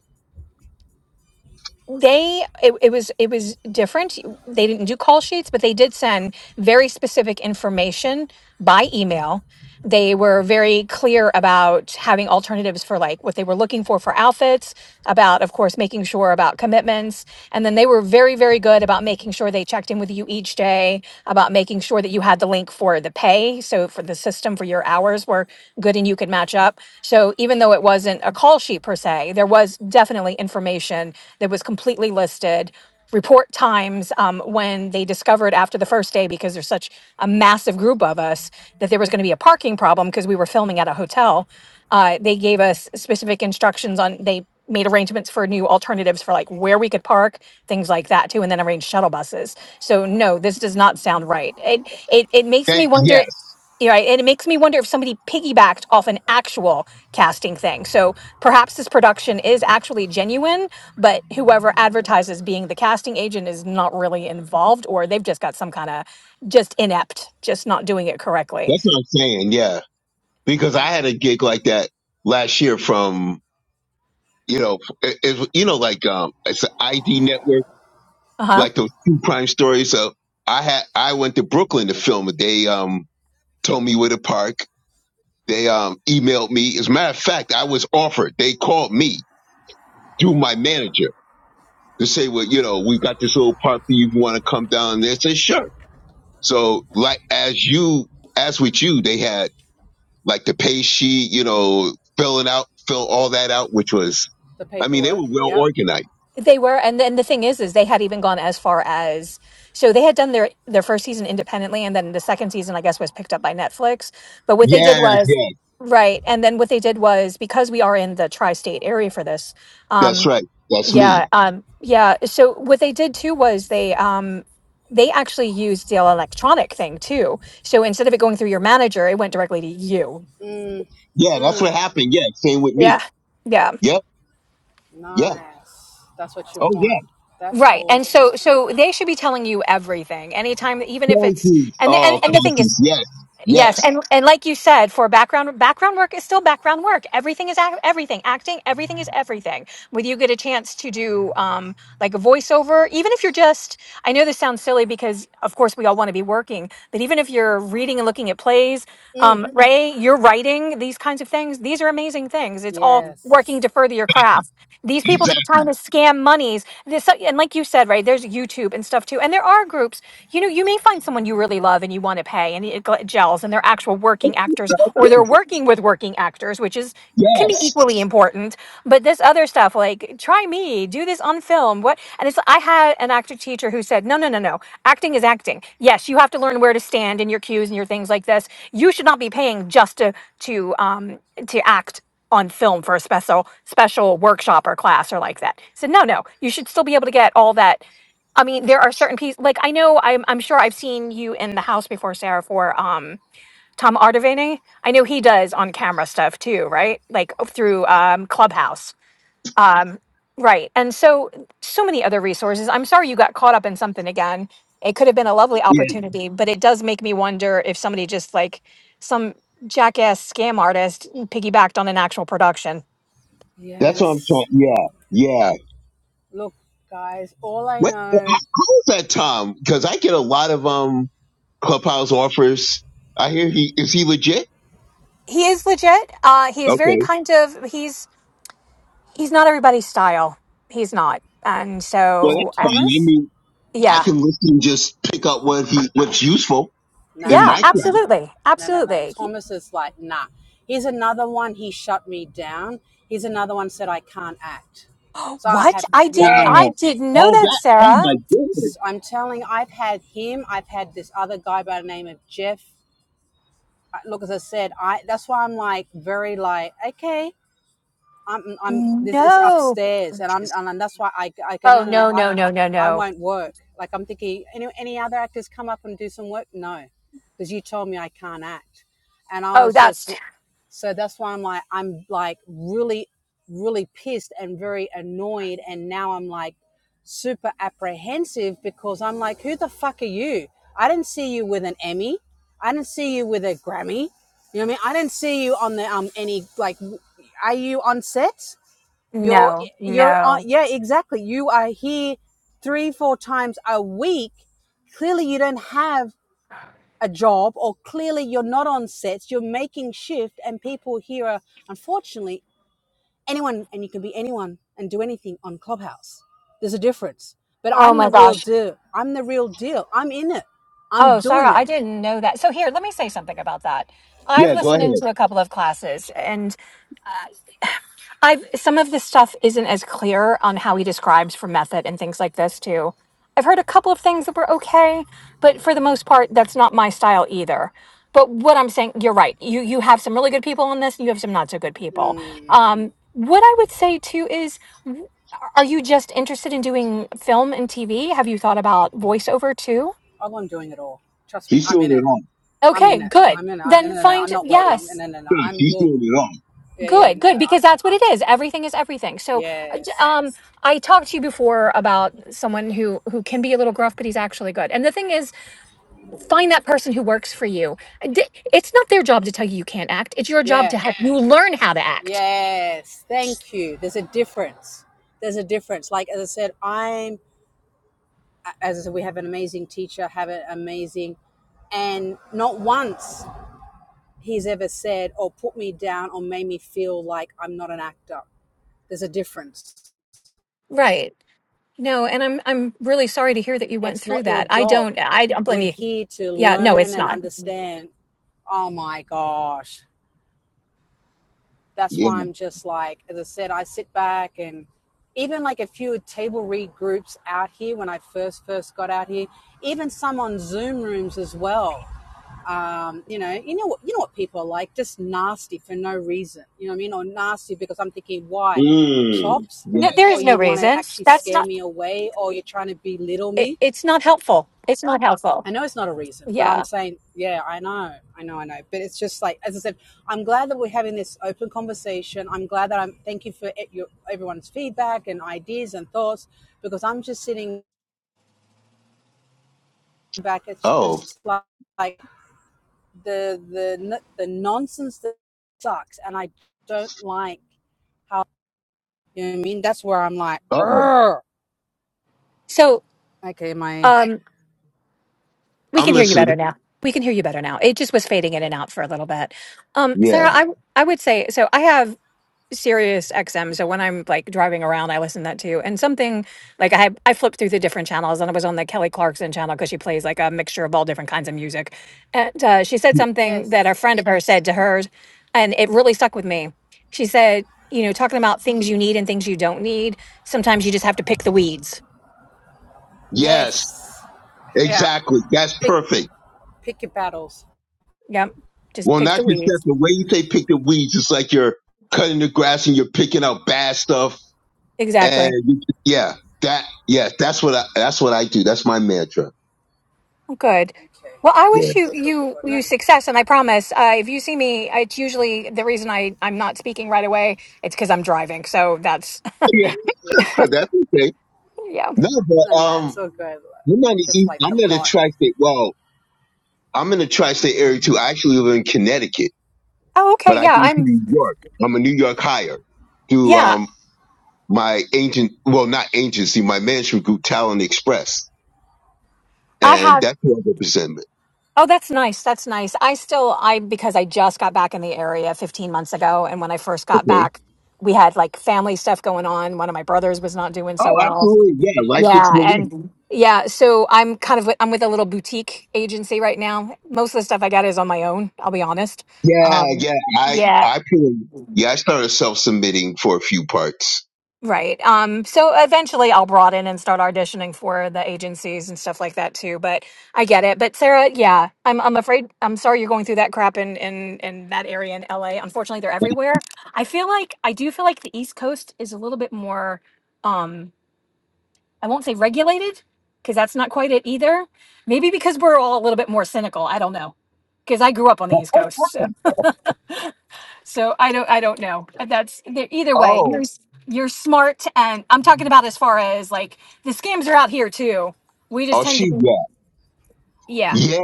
C: they it, it was it was different they didn't do call sheets but they did send very specific information by email they were very clear about having alternatives for like what they were looking for for outfits about of course making sure about commitments and then they were very very good about making sure they checked in with you each day about making sure that you had the link for the pay so for the system for your hours were good and you could match up so even though it wasn't a call sheet per se, there was definitely information that was completely listed. Report times um, when they discovered after the first day, because there's such a massive group of us, that there was going to be a parking problem because we were filming at a hotel. Uh, they gave us specific instructions on, they made arrangements for new alternatives for like where we could park, things like that too, and then arranged shuttle buses. So no, this does not sound right. It it it makes
B: Thank,
C: me wonder.
B: yes.
C: Yeah, right. And it makes me wonder if somebody piggybacked off an actual casting thing. So perhaps this production is actually genuine, but whoever advertises being the casting agent is not really involved or they've just got some kind of just inept, just not doing it correctly.
B: That's what I'm saying. Yeah, because I
A: Mm,
B: had a gig like that last year from you know it, it, you know like um it's an ID network
C: Uh-huh.
B: like those true crime stories. So I had I went to Brooklyn to film it. They um told me where to park. They um emailed me. As a matter of fact, I was offered. They called me through my manager to say, well, you know, we got this little park that you want to come down there. I said, sure. So like as you as with you, they had. like the pay sheet, you know, filling out, fill all that out, which was,
A: the
B: I mean, they
A: paperwork.
B: were well
A: Yep.
B: organized.
C: They were and then the thing is is they had even gone as far as so they had done their their first season independently and then the second season I guess was picked up by Netflix. But what they did
B: Yes,
C: was
B: yes,
C: right and then what they did was because we are in the tri-state area for this um,
B: that's right. That's
C: Yeah,
B: me.
C: um, yeah. So what they did too was they um they actually used the electronic thing too. So instead of it going through your manager, it went directly to you.
A: Mm,
B: Yeah, that's
A: mm,
B: what happened. Yeah, same with
C: Yeah.
B: me.
C: Yeah.
B: Yep, yeah.
A: nice. That's what you
B: Oh,
A: want.
B: yeah.
A: That's
C: Right. And
A: awesome.
C: so so they should be telling you everything anytime even if
B: Thank
C: it's
B: you.
C: and the, and,
B: Oh,
C: and the thing is
B: Constance, yes,
C: Yes,
B: yes,
C: and and like you said, for background background work is still background work. Everything is ac- everything. Acting, everything is everything. Whether you get a chance to do um, like a voiceover, even if you're just, I know this sounds silly because of course we all want to be working, but even if you're reading and looking at plays,
A: Mm,
C: um, Ray, you're writing these kinds of things. These are amazing things. It's all working to
A: yes.
C: further your craft. These people
B: exactly.
C: that are trying to scam monies, this so, and like you said, right? There's YouTube and stuff too, and there are groups. You know, you may find someone you really love and you want to pay, and it gel- gels, and they're actual working actors, or they're working with working actors, which is can be
B: Yes,
C: equally important but this other stuff like try me do this on film what and it's i had an actor teacher who said no no no no acting is acting yes you have to learn where to stand in your cues and your things like this you should not be paying just to to um to act on film for a special special workshop or class or like that so no no you should still be able to get all that i mean there are certain pieces like i know i'm, I'm sure i've seen you in the house before sarah for um Tom Artavani. I know he does on camera stuff too, right? Like oh, through um, Clubhouse. Um, right. And so, so many other resources. I'm sorry you got caught up in something again. It could have been a lovely
B: yeah.
C: opportunity, but it does make me wonder if somebody just like some jackass scam artist piggybacked on an actual production.
B: That's what I'm trying.
A: Yes.
B: Yeah, yeah.
A: Look, guys, all I
B: What? How
A: know,
B: was that, Tom? Because I get a lot of um clubhouse offers. I hear he is he legit?
C: He is legit. Uh, he is very
B: Okay.
C: kind of, he's, he's not everybody's style. He's not. And
B: Well, that's
C: so, uh,
B: fine. I
A: Thomas,
B: mean, I
C: yeah.
B: can listen and just pick up what he what's useful
A: no,
B: in
A: no,
B: my
C: Yeah,
A: no, no, no,
B: craft.
A: no.
C: absolutely.
A: No, no, no.
C: Absolutely.
A: Thomas is like, nah. Here's another one. He shut me down. Here's another one said I can't act. So I
C: What?
A: have,
C: I did
A: yeah.
C: I
B: Wow.
C: didn't know
B: All
C: that,
B: that. Oh
C: Sarah.
B: my goodness.
A: S- I'm telling, I've had him. I've had this other guy by the name of Jeff look as I said, I that's why I'm like very like okay, I'm I'm this is
C: No.
A: upstairs, and I'm and that's why I I go no
C: Oh
A: no no
C: no,
A: I
C: no, no, no,
A: I
C: no.
A: won't work. Like I'm thinking any any other actors come up and do some work? No, because you told me I can't act, and I
C: Oh,
A: was
C: that's
A: just so that's why I'm like, I'm like really, really pissed and very annoyed. And now I'm like super apprehensive because I'm like, who the fuck are you? I didn't see you with an Emmy. I didn't see you with a Grammy. You know what I mean? I didn't see you on the, um, any, like, are you on set? You're,
C: no,
A: you're on,
C: no.
A: yeah, exactly. You are here three, four times a week. Clearly you don't have a job or clearly you're not on sets, you're making shift and people here are unfortunately anyone and you can be anyone and do anything on Clubhouse. There's a difference. But
C: Oh
A: I'm the
C: my
A: real
C: gosh.
A: deal. I'm the real deal. I'm in it.
C: Oh,
A: I'm
C: Sarah,
A: doing
C: I
A: it.
C: didn't know that. So here, let me say something about that. I've
B: Yeah, go
C: listened
B: ahead.
C: into a couple of classes and uh, I've some of this stuff isn't as clear on how he describes for method and things like this too. I've heard a couple of things that were okay, but for the most part, that's not my style either. But what I'm saying, you're right. You you have some really good people on this, and you have some not so good people.
A: Mm.
C: Um, what I would say too is, w- are you just interested in doing film and TV? Have you thought about voiceover too?
A: Oh, I'm doing it all. Trust me,
B: He's
A: I'm
B: doing
A: in it.
B: it all.
A: I'm
C: Okay,
A: in it.
C: good.
A: I'm in it. I, no, no,
C: Then
A: no, no,
C: find
A: I'm not waiting. No,
C: yes.
A: no, no, no.
B: Gosh,
A: I'm,
B: He's
A: look.
B: doing it all.
A: Yeah, yeah,
C: Good,
A: no.
C: good,
A: I,
C: because that's what it is. Everything is everything. So, uh, j-
A: yes.
C: um, I talked to you before about someone who who can be a little gruff, but he's actually good. And the thing is, find that person who works for you. Uh, D- It's not their job to tell you you can't act. It's your job
A: Yeah.
C: to help you learn how to act.
A: Yes. Thank you. There's a difference. There's a difference. Like, as I said, I'm as I said, we have an amazing teacher, have an amazing, and not once he's ever said or put me down or made me feel like I'm not an actor. There's a difference.
C: Right. No, and I'm I'm really sorry to hear that you went
A: It's
C: through
A: not your
C: that. I
A: job.
C: don't I don't blame
A: We're
C: you.
A: here to
C: Yeah, no,
A: learn
C: it's
A: and
C: not.
A: understand. Oh my gosh. That's
B: Yeah.
A: why I'm just like, as I said, I sit back and even like a few table read groups out here when I first first got out here, even some on Zoom rooms as well Um, you know, you know what you know what people are like, just nasty for no reason. You know what I mean? Or nasty because I'm thinking, why?
B: Mm.
A: Chops?
B: Yeah.
C: No, there
A: Or
C: is no
A: you want to
C: reason.
A: actually
C: That's
A: scare
C: not.
A: me away, or you're trying to belittle
C: It,
A: me.
C: it's not helpful. It's not helpful.
A: I know it's not a reason, but I'm
C: Yeah.
A: saying, yeah, I know, I know, I know. But it's just like, as I said, I'm glad that we're having this open conversation. I'm glad that I'm, thank you for e- your, everyone's feedback and ideas and thoughts because I'm just sitting back. It's
B: Oh.
A: just like, like the the the nonsense that sucks, and I don't like how you know what I mean. That's where I'm like,
B: Uh oh.
A: Urgh!
C: So,
A: okay, my
C: um, We can
B: I'm
C: hear you better
B: listening.
C: now. We can hear you better now. It just was fading in
A: yeah.
C: and out for a little bit. Um,
B: Yeah.
C: Sarah, I I would say so. I have Sirius XM, so when I'm like driving around, I listen to that too. And something like I I flipped through the different channels, and I was on the Kelly Clarkson channel because she plays like a mixture of all different kinds of music. And uh, she said something
A: yes,
C: that a friend of hers said to hers, and it really stuck with me. She said, you know, talking about things you need and things you don't need. Sometimes you just have to pick the weeds.
B: Yes.
A: yes, yeah.
B: Exactly. That's
A: Pick
B: perfect.
A: pick your battles.
C: Yep, just
B: Well,
C: pick
B: not
C: the
B: just that.
C: weeds.
B: The way you say pick the weeds, it's like you're cutting the grass and you're picking out bad stuff.
C: Exactly.
B: And you- yeah, that yeah, that's what I that's what I do. That's my mantra.
C: Good.
A: Okay,
C: Well, I
A: okay,
B: Yeah.
C: wish you
A: cool, cool, cool,
C: you
A: cool. No,
C: you success, and I promise, uh, if you see me, it's usually the reason I I'm not speaking right away. It's because I'm driving, so that's
B: Yeah.
A: yeah,
B: That's okay.
C: yeah.
B: No,
A: it's
B: but
A: not that. It's
B: um,
A: all good.
B: I'm not
A: It's
B: the
A: just
B: East.
A: like the
B: I'm in a
A: bot.
B: tri-state. Well, I'm in a tri-state area too. I actually live in Connecticut,
C: Oh, okay,
B: but I
C: yeah,
B: go to
C: I'm
B: New York. I'm a New York hire through
C: yeah.
B: um my agent. Well, not agency, my management group, Talent Express,
C: I
B: and
C: have.
B: that's who I represent.
C: Oh, that's nice. That's nice. I still I because I just got back in the area 15 months ago, and when I first got
B: Okay.
C: back, we had like family stuff going on. One of my brothers was not doing
B: Oh,
C: so well,
B: absolutely. Yeah, life gets
C: Yeah,
B: in the way.
C: and yeah, so I'm kind of I'm with a little boutique agency right now. Most of the stuff I got is on my own, I'll be honest.
B: Yeah,
C: Um
B: yeah. I
C: yeah,
B: I put yeah. I started self submitting for a few parts.
C: right. Um so eventually I'll broaden and start auditioning for the agencies and stuff like that too, but I get it. But Sarah, yeah, I'm I'm afraid I'm sorry you're going through that crap in in in that area in LA. Unfortunately, they're everywhere. I feel like I do feel like the East Coast is a little bit more um I won't say regulated because that's not quite it either. Maybe because we're all a little bit more cynical. I don't know because I grew up on the East Coast, so, so I don't I don't know. That's they're- either way. You're
B: Oh,
C: s- you're smart, and I'm talking about as far as like the scams are out here too. We just
B: oh,
C: tend to
B: she
C: be
B: yeah,
C: yeah.
B: yeah.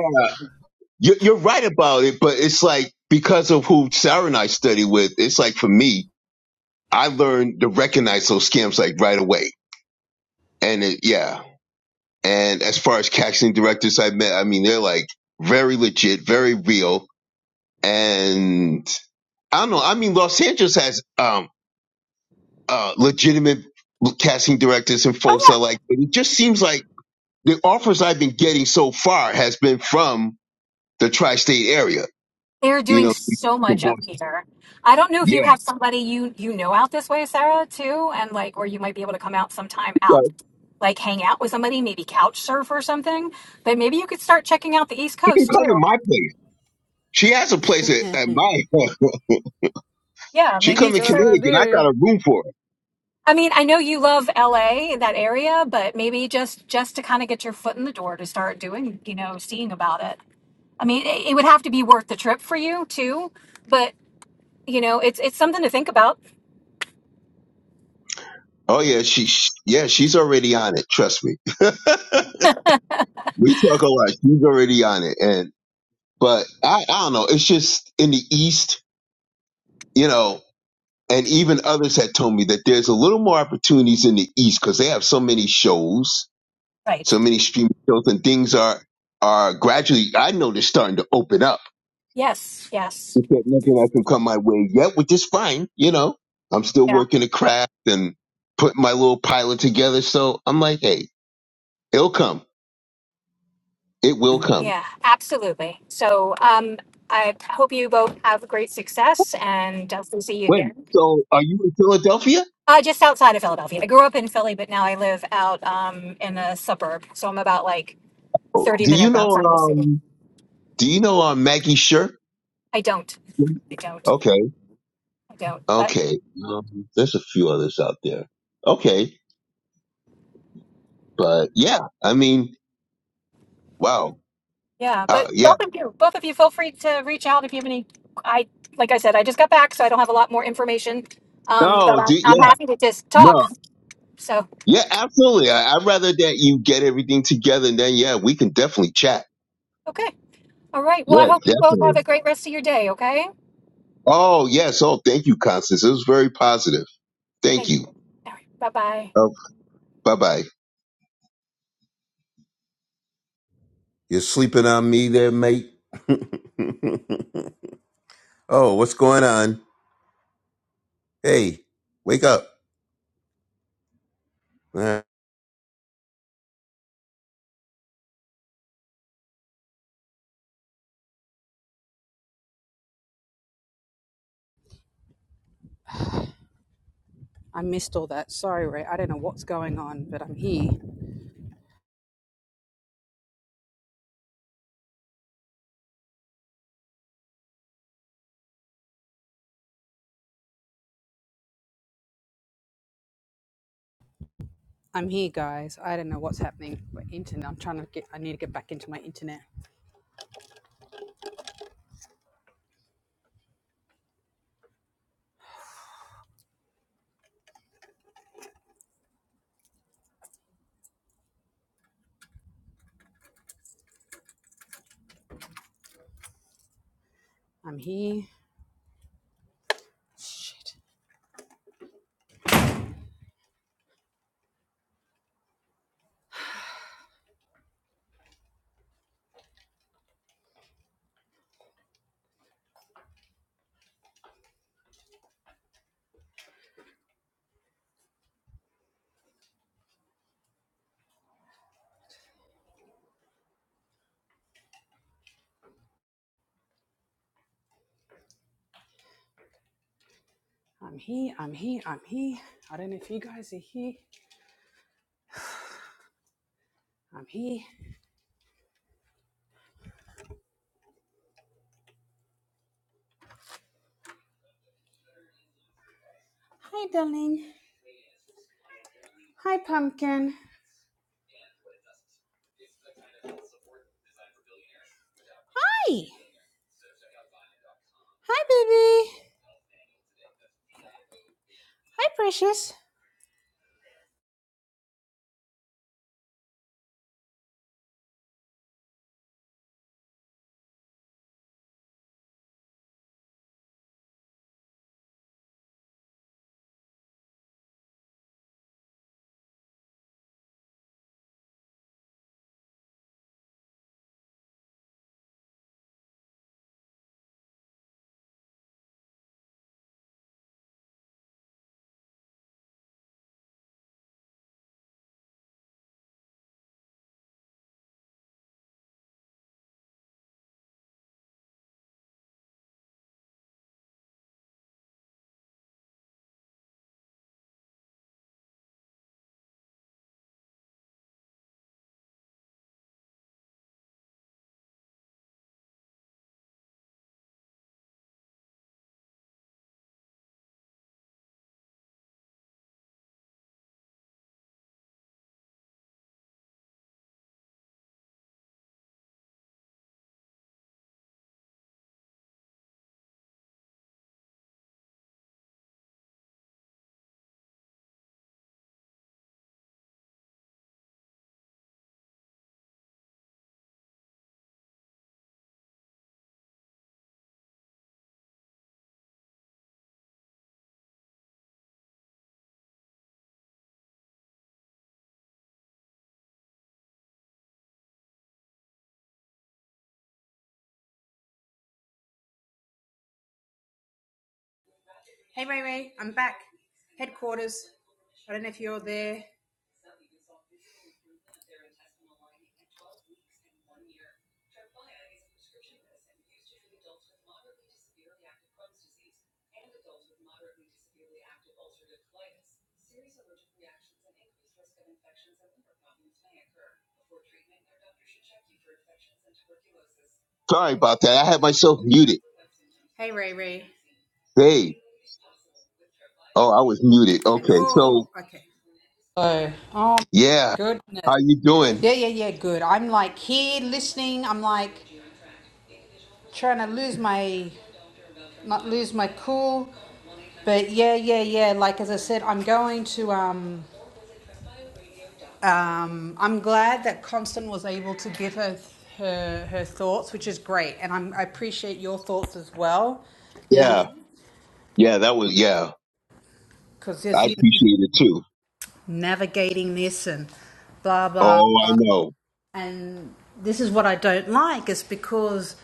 B: You're, you're right about it, but it's like because of who Sarah and I study with, it's like for me, I learned to recognize those scams like right away. And it, yeah. And as far as casting directors I met, I mean, they're like very legit, very real. And I don't know. I mean, Los Angeles has, um, uh, legitimate casting directors and folks are like, but it just seems like the offers I've been getting so far has been from the tri-state area,
C: They're
B: you
C: doing
B: know,
C: so much up here. I don't know if you
B: yeah.
C: have somebody you you know out this way, Sarah, too, and like, or you might be able to come out sometime
B: yeah.
C: out, like hang out with somebody, maybe couch surf or something. But maybe you could start checking out the East
B: She can
C: Coast
B: come to
C: too.
B: my place. She has a place at, at my.
C: Yeah,
B: she
C: maybe
B: come
C: you
B: to
C: could start.
A: Sure
B: Connecticut. I got
A: do.
B: a room for her.
C: I mean, I know you love LA, that area, but maybe just just to kind of get your foot in the door to start doing, you know, seeing about it. I mean, it, it would have to be worth the trip for you too, but you know, it's it's something to think about.
B: Oh yeah, she she- yeah she's already on it. Trust me.
C: Yeah.
B: we talk a lot. She's already on it, and but I I don't know. It's just in the East, you know, and even others had told me that there's a little more opportunities in the East because they have so many shows,
C: Right.
B: so many streaming shows, and things are are gradually. I know they're starting to open up
C: Yes. Yes.
B: He said nothing I can come my way yet, which is fine. You know, I'm still
C: Yeah.
B: working the craft and putting my little pilot together. So I'm like, hey, it'll come. It will come.
C: Yeah, absolutely. So um, I hope you both have great success and definitely see you
B: When?
C: again.
B: So are you in Philadelphia?
C: Uh, just outside of Philadelphia. I grew up in Philly, but now I live out um, in a suburb. So I'm about like
B: Oh,
C: 30
B: Do you
C: minutes
B: know,
C: outside the city.
B: um, do you know, um, Maggie Sure?
C: I don't. I don't.
B: Okay.
C: I don't. But
B: Okay. Um, there's a few others out there. Okay. But yeah, I mean, wow.
C: yeah,
B: Uh,
C: but
B: yeah.
C: both of you, both of you feel free to reach out if you have any. I, like I said, I just got back, so I don't have a lot more information. Um, but
B: No,
C: I'm,
B: do,
C: I'm
B: yeah,
C: happy to just talk.
B: no.
C: So,
B: Yeah, absolutely. I, I'd rather that you get everything together and then, yeah, we can definitely chat.
C: okay. All right. Well, I
B: Yeah,
C: hope you both
B: definitely.
C: have a great rest of your day. Okay.
B: Oh, yes. Oh, thank you, Constance. It was very positive. Thank
C: Thank you.
B: you.
C: All right. Bye bye.
B: Oh, bye bye. You're sleeping on me there, mate. oh, what's going on? Hey, wake up.
A: I missed all that. Sorry, Ray. I don't know what's going on, but I'm here. I'm here, guys. I don't know what's happening. But internet. I'm trying to get. I need to get back into my internet. I'm here. I'm he, I'm he, I'm here. I am here i am here i do not know if you guys are here. I'm here. Hi, darling. Hi, pumpkin. Hi. Hi, baby. Hi, precious. Hey, Ray Ray. I'm back. Headquarters. I don't know if you're there.
B: Uh, Sorry about that. I had myself muted.
A: Ray Ray.
B: Hey. Oh, I was muted. Okay. So,
A: Hello. Okay. Oh, oh my
B: yeah.
A: goodness.
B: How you doing?
A: Yeah, yeah, yeah, good. I'm like here listening. I'm like trying to lose my not lose my cool. But yeah, yeah, yeah. Like as I said, I'm going to. Um, um, I'm glad that Constant was able to give her her her thoughts, which is great, and I'm, I appreciate your thoughts as well. You know,
B: Yeah. Yeah, that was, yeah.
A: because
B: I
A: there's you know,
B: appreciate it too.
A: navigating this and blah blah,
B: Oh, I know.
A: and this is what I don't like. Is because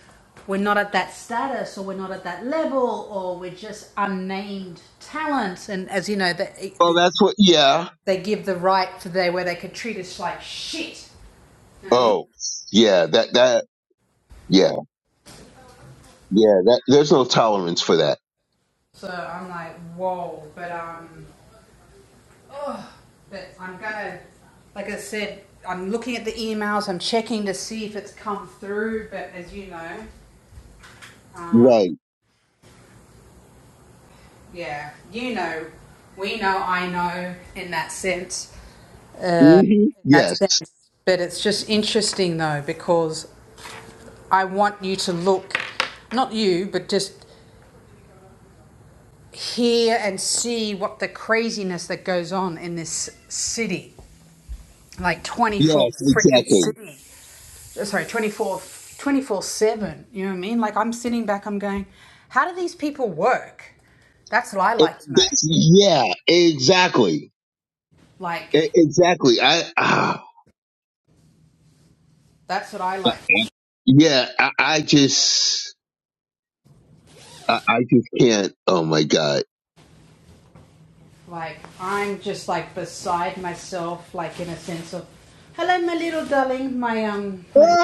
A: we're not at that status or we're not at that level or we're just unnamed talents and as you know they,
B: Well, that's what, yeah.
A: they give the right for there where they could treat us like shit You know what I mean?
B: Oh, yeah. That, that, yeah. Yeah. That, there's no tolerance for that.
A: So I'm like, whoa, but um, but I'm gonna, like I said, I'm looking at the emails, I'm checking to see if it's come through, but as you know,
B: Right.
A: yeah, you know, we know, I know, in that sense,
B: hmm
A: in that
B: Yes.
A: sense. But it's just interesting though, because I want you to look, not you, but just hear and see what the craziness that goes on in this city, like 24
B: Yes.
A: freaking
B: Exactly.
A: city. sorry, 24, 7. You know what I mean? Like, I'm sitting back, I'm going, how do these people work? That's what I
B: It,
A: like to know.
B: that's, yeah. Exactly.
A: Like,
B: E- exactly. I. ah,
A: that's what I like.
B: yeah. I, I just. I, I just can't. Oh my god.
A: Like, I'm just like beside myself, like in a sense of, hello, my little darling, my, um, my little.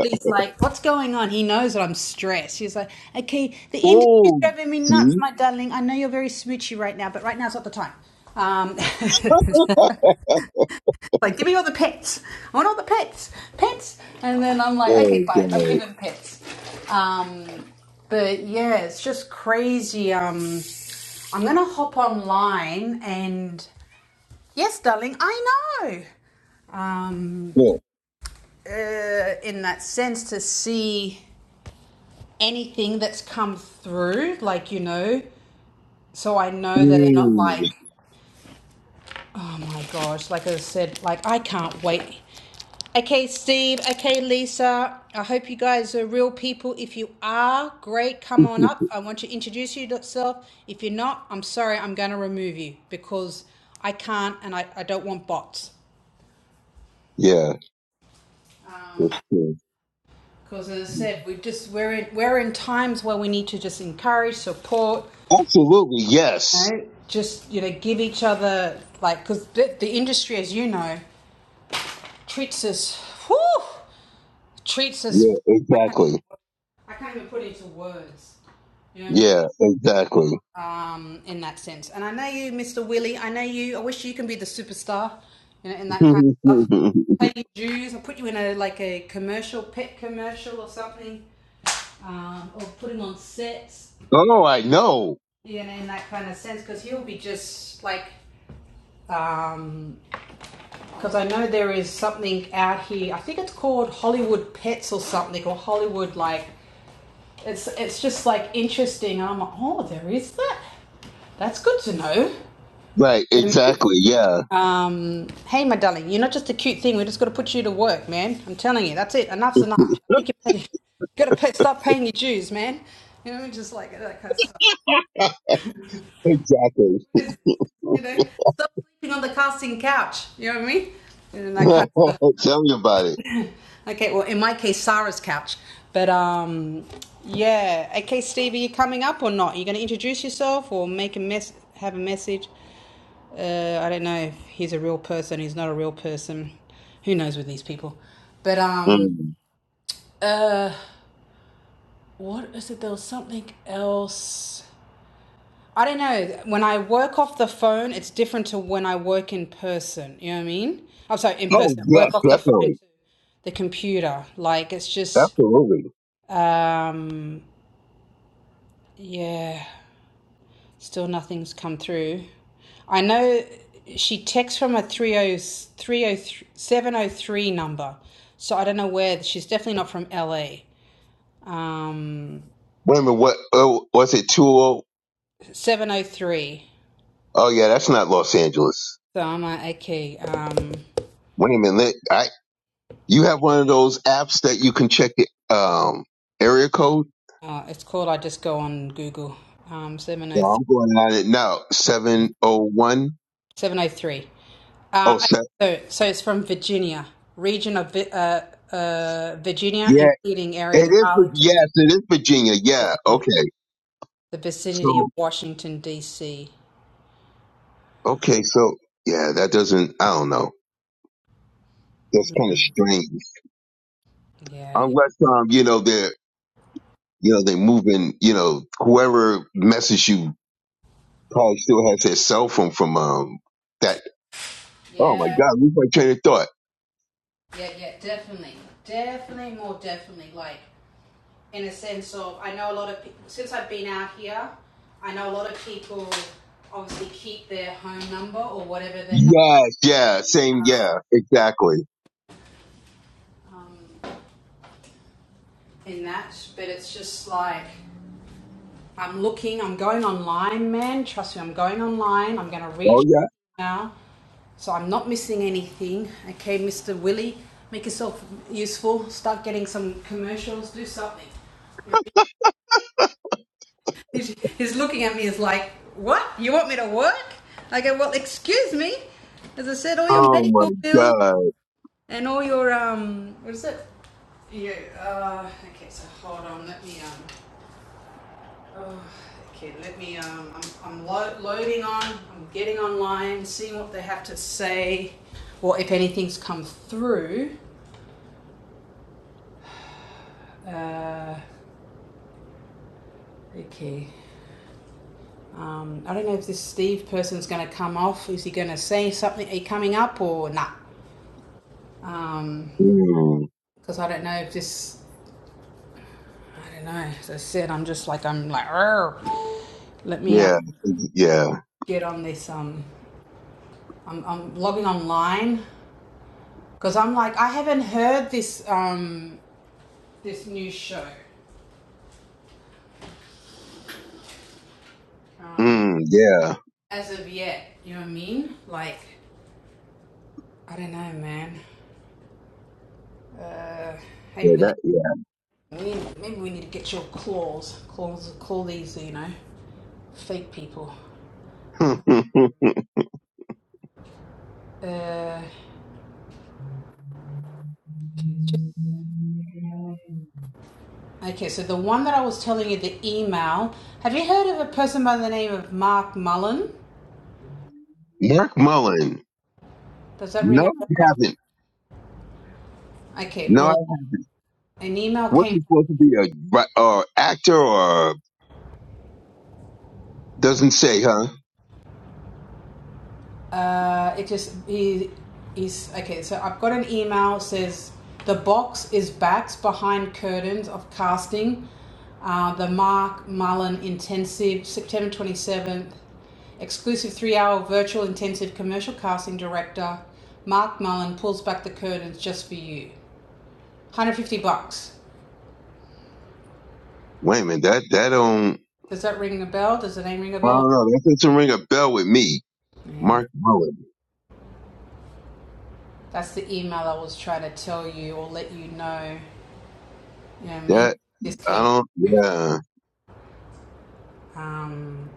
A: He's like, what's going on? He knows that I'm stressed. He's like, okay, the industry's
B: oh.
A: driving me nuts,
B: See.
A: my darling. I know you're very smoochy right now, but right now's not the time. Um, like, give me all the pets. I want all the pets, pets. And then I'm like, okay,
B: Oh
A: fine, I'll give
B: god.
A: him pets. Um, but yeah, it's just crazy. Um, I'm gonna hop online and yes, darling, I know. Um,
B: Yeah.
A: uh, in that sense, to see anything that's come through, like you know, so I know that they're not
B: Mm.
A: like, oh my gosh, like I said, like I can't wait. Okay, Steve. Okay, Lisa. I hope you guys are real people. If you are, great. Come on up. I want you to introduce yourself. If you're not, I'm sorry. I'm going to remove you because I can't and I, I don't want bots.
B: yeah. That's true.
A: Because as I said, we just we're in we're in times where we need to just encourage, support,
B: Absolutely.
A: you
B: Yes.
A: know, just you know, give each other like because the, the industry, as you know, treats us. Whew, treats us.
B: Yeah. Exactly.
A: I can't even put it into words. You know what I mean?
B: Yeah. Exactly.
A: um, in that sense. And I know you, Mr. Willie. I know you. I wish you can be the superstar, you know, in that kind
B: oh,
A: of stuff. Pay your dues. I'll put you in a like a commercial, pet commercial or something, um, or put him on sets,
B: I know.
A: you know, in that kind of sense, because he'll be just like. Um, because I know there is something out here. I think it's called Hollywood Pets or something, or Hollywood like. It's it's just like interesting. I'm like, oh, there is that. That's good to know.
B: Right. Exactly. Yeah.
A: Um, hey, my darling, you're not just a cute thing. We just got to put you to work, man. I'm telling you, that's it. Enough's enough. I think you got to pay, stop paying your dues, man. You know, just like that kind of stuff.
B: Exactly.
A: What is this? You know, stop sleeping on the casting couch. You know what I mean? And that kind of stuff.
B: Tell me about it.
A: Okay, well, in my case, Sarah's couch. But um, yeah. Okay, Steve, are you coming up or not? Are you going to introduce yourself or make a mess, have a message? Uh, I don't know if he's a real person, he's not a real person. Who knows with these people? But um,
B: Mm.
A: uh, what is it? There was something else. I don't know. When I work off the phone, it's different to when I work in person. You know what I mean? I'm sorry, in
B: Oh,
A: person.
B: yes,
A: Work off the phone
B: definitely.
A: to the computer. Like it's just
B: Absolutely.
A: um, yeah. Still nothing's come through. I know she texts from a 30, number. So I don't know where. She's definitely not from LA. Um,
B: Wait a minute. What oh, was it? 20? Oh,
A: 703.
B: Oh, yeah, that's not Los Angeles.
A: So I'm like, okay. Um,
B: Wait a minute. I, you have one of those apps that you can check it, um, area code?
A: uh, it's called, I just go on Google. Um,
B: Yeah,
A: 703.
B: I'm going on it now.
A: Okay.
B: 701? Oh, one
A: 703.
B: oh
A: Um, okay,
B: seven.
A: so, so it's from Virginia, region of uh, uh, Virginia,
B: Yeah,
A: including areas
B: it
A: of
B: is. Vir-
A: Arlington,
B: Yes, it is Virginia. Yeah.
A: the
B: Okay. So,
A: vicinity of Washington, D.C.
B: okay. So, yeah, that doesn't, I don't know. That's kind of strange.
A: Yeah, yeah.
B: Unless, um, you know, they're. You know, they moving, you know, whoever messaged you probably still has their cell phone from um that oh my
A: Yeah,
B: god, lose my train of thought.
A: yeah, yeah, definitely. Definitely, more definitely. Like, in a sense of, I know a lot of people, since I've been out here, I know a lot of people obviously keep their home number or whatever their number
B: Yes, yeah, same, yeah, exactly.
A: in that, but it's just like, I'm looking, I'm going online, man. Trust me, I'm going online. I'm going to read you
B: Oh yeah.
A: now. So I'm not missing anything. Okay, Mr. Willie, make yourself useful. Start getting some commercials, do something. You know, He's, he's looking at me as like, what? You want me to work? I go, well, excuse me. As I said, all your
B: Oh my
A: medical bills
B: god.
A: and all your, um, what is it? Yeah, uh, okay, so hold on, let me, um, oh, okay, let me, um, I'm, I'm lo- loading on, I'm getting online, seeing what they have to say, or if anything's come through. Uh, Okay. Um, I don't know if this Steve person's going to come off. Is he going to say something? Are you coming up or not? Nah? Um.
B: Mm,
A: because I don't know if this. I don't know. As I said, I'm just like I'm like. "Arr." Let me um,
B: yeah, yeah.
A: get on this. Um, I'm I'm logging online because I'm like I haven't heard this um this new show
B: Mm, yeah.
A: as of yet. You know what I mean? Like I don't know, man. Hey, really?
B: Yeah,
A: We, maybe we need to get your claws, claws, call these. You know, fake people.
B: that
A: Uh, just Okay, so the one that I was telling you, the email. Have you heard of a person by the name of Mark Mullen?
B: yeah. Mark Mullen.
A: Does that
B: No,
A: ring a
B: I
A: bell?
B: haven't.
A: Okay,
B: No, I,
A: well, an email
B: what's
A: came.
B: he supposed to be a ri- or actor or doesn't say, huh?
A: Uh, it just he he's okay. So I've got an email says the box is backs behind curtains of casting. Uh, the Mark Mullen Intensive, September twenty seventh, exclusive three hour virtual intensive commercial casting director. Mark Mullen pulls back the curtains just for you. 150 bucks.
B: Wait a minute, that that don't
A: Does that ring a bell? Does the name ring a
B: I
A: bell?
B: don't know. That doesn't ring a bell with me.
A: Yeah.
B: Mark Mullen.
A: That's the email I was trying to tell you or let you know. You know what I mean?
B: That
A: This
B: I
A: came.
B: don't. Yeah,
A: Um,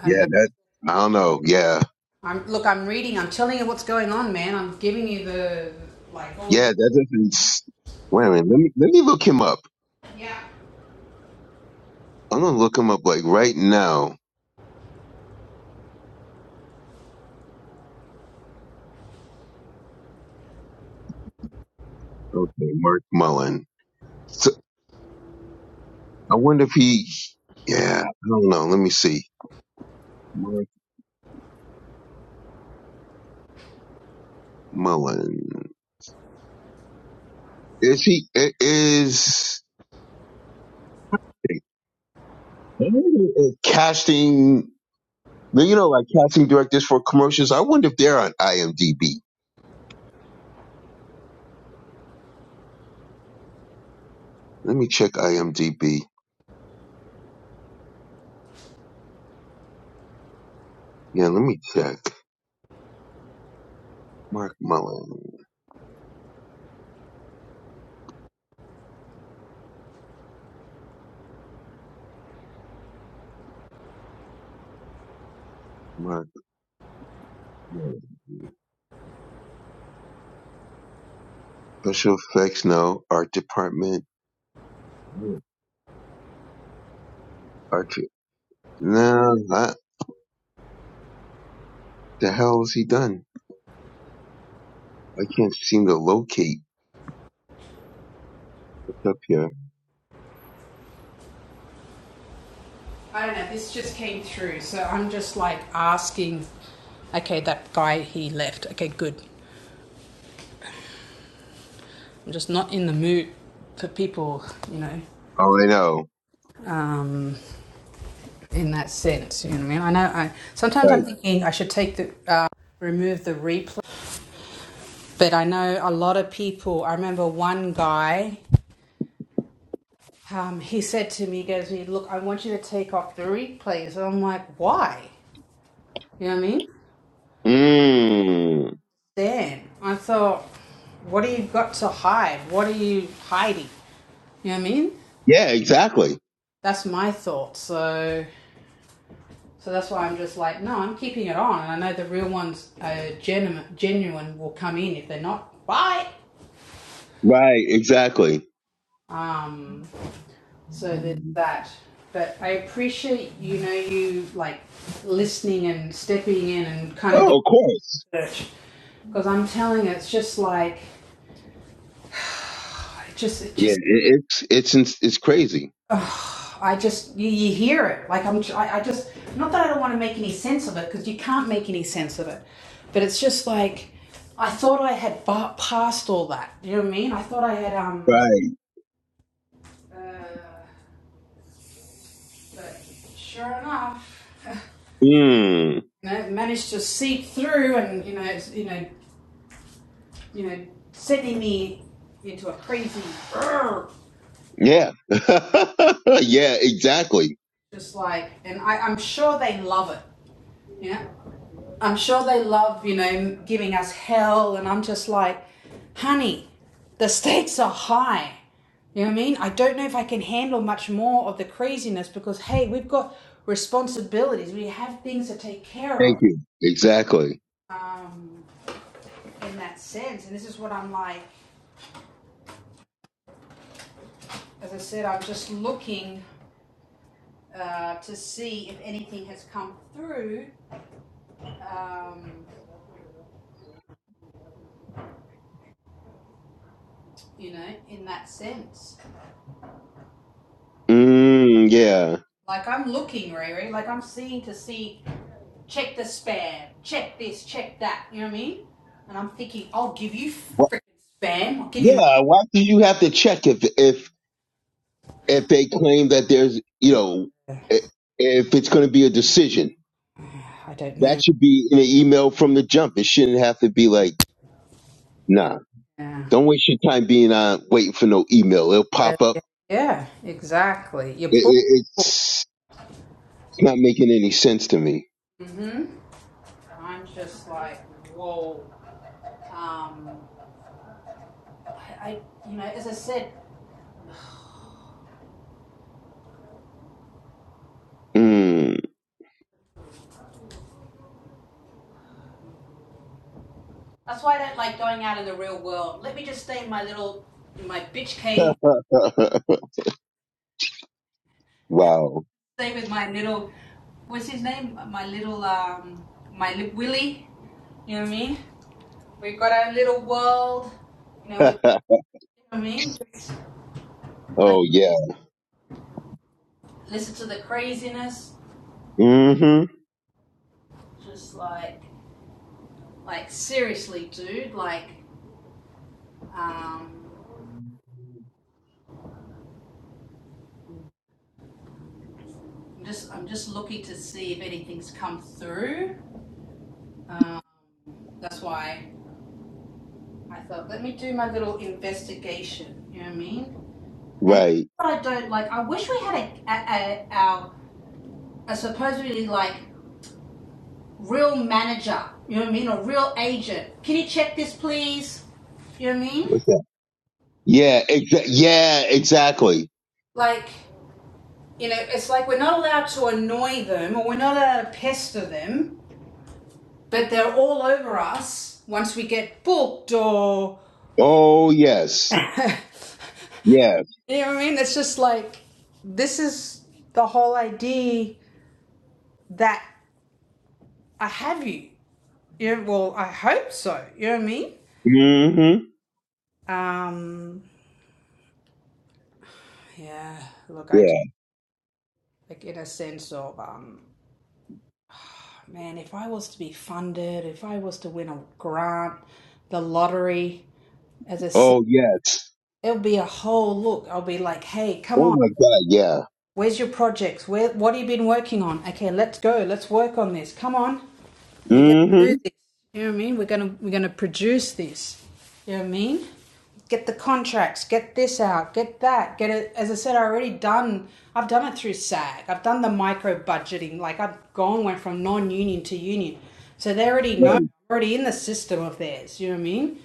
A: and
B: yeah. That I don't know. Yeah,
A: I'm look. I'm reading. I'm telling you what's going on, man. I'm giving you the like all
B: yeah.
A: the.
B: That doesn't. s- Wait a minute. Let me let me look him up.
A: Yeah.
B: I'm gonna look him up like right now. Okay, Mark Mullen. So I wonder if he. Yeah, I don't know. Let me see. Mark Mullen. Is he i- is, is casting? You know, like casting directors for commercials. I wonder if they're on IMDb. Let me check IMDb. Yeah, let me check. Mark Mullen. Mark Mullen. Special effects, no. Art department, no. Art. No, I, the hell is he done? I can't seem to locate what's up here.
A: I don't know. This just came through, so I'm just like asking. Okay, that guy he left. Okay, good. I'm just not in the mood for people. You know.
B: Oh, I know.
A: Um, in that sense. You know what I mean? I know. I sometimes
B: Right.
A: I'm thinking I should take the uh, remove the replay, but I know a lot of people. I remember one guy. Um, he said to me, he "Goes, look, I want you to take off the replays." And I'm like, "Why?" You know what I mean?
B: Mm.
A: Then I thought, "What do you got to hide? What are you hiding?" You know what I mean?
B: Yeah, exactly.
A: That's my thought. So, so that's why I'm just like, no, I'm keeping it on. And I know the real ones, uh, genuine, genuine will come in if they're not. Bye.
B: Right, exactly.
A: Um, so there's that. But I appreciate, you know, you like listening and stepping in and kind of
B: Oh, of course.
A: doing research. Because I'm telling you, it's just like, it just, it
B: Yeah,
A: just,
B: it, it's it's ins- it's crazy.
A: oh, I just, you, you hear it. Like I'm, I, I just, not that I don't want to make any sense of it, because you can't make any sense of it. But it's just like, I thought I had ba- passed all that. You know what I mean? I thought I had, um,
B: Right.
A: uh, but sure enough.
B: Mm.
A: you know, managed to seep through, and you know, it's, you know, you know, sending me into a crazy,
B: Yeah. yeah, exactly.
A: just like, and I, I'm sure they love it. You know, I'm sure they love, you know, giving us hell, and I'm just like, honey, the stakes are high. You know what I mean? I don't know if I can handle much more of the craziness because hey, we've got responsibilities. We have things to take care
B: Thank
A: of.
B: you. Exactly.
A: Um, in that sense, and this is what I'm like. as I said, I'm just looking uh, to see if anything has come through, um, you know, in that sense.
B: Mm, yeah.
A: Like I'm looking, Riri, like I'm seeing to see, check the spam, check this, check that, you know what I mean? And I'm thinking, I'll give you freaking spam, I'll give you
B: Yeah, why do you have to check if if if they claim that there's you know
A: my.
B: i- if it's going to be a decision?
A: I don't know.
B: That should be in an email from the jump. It shouldn't have to be like, nah,
A: Yeah.
B: don't waste your time being on waiting for no email. It'll
A: Uh,
B: pop up.
A: Yeah, yeah, exactly. Your
B: It,
A: book.
B: it, it's it's not making any sense to me.
A: hmm I'm just like, whoa. Um, I, I, you know, as I said,
B: Mm.
A: That's why I don't like going out in the real world. Let me just stay in my little, in my bitch cave.
B: wow.
A: Stay with my little, what's his name? My little, um, my lip Willy. You know what I mean? We've got our little world. You know, we, you know what I mean? Just
B: oh yeah.
A: listen to the craziness.
B: hmm
A: Just like, like seriously, dude. Like, um, I'm just, I'm just looking to see if anything's come through. Um, that's why I thought, let me do my little investigation. You know what I mean? And this is
B: Right.
A: what I don't like. I wish we had a, a, a, our, a supposedly like real manager. You know what I mean? A real agent. Can you check this, please? You know what I mean?
B: What's that? Yeah. Exa- yeah. Exactly.
A: Like, you know, it's like we're not allowed to annoy them or we're not allowed to pester them, but they're all over us once we get booked or.
B: Oh yes. Yes.
A: you know what I mean? It's just like, this is the whole idea that I have you. Yeah, well, I hope so. You know what I mean?
B: Mm-hmm.
A: Um, yeah. Look, I just
B: Yeah.
A: like in a sense of um, man, if I was to be funded, if I was to win a grant, the lottery, as I said,
B: Oh yes.
A: it'll be a whole look. I'll be like, hey, come
B: Oh
A: on,
B: my God. Yeah.
A: Where's your projects? Where what have you been working on? Okay, let's go. Let's work on this. Come on. We're gonna
B: Mm-hmm.
A: do this. You know what I mean? We're gonna we're gonna produce this. You know what I mean? Get the contracts, get this out, get that, get it as I said, I already done I've done it through SAG. I've done the micro budgeting, like I've gone went from non union to union. So they already know
B: Right.
A: already in the system of theirs, you know what I mean?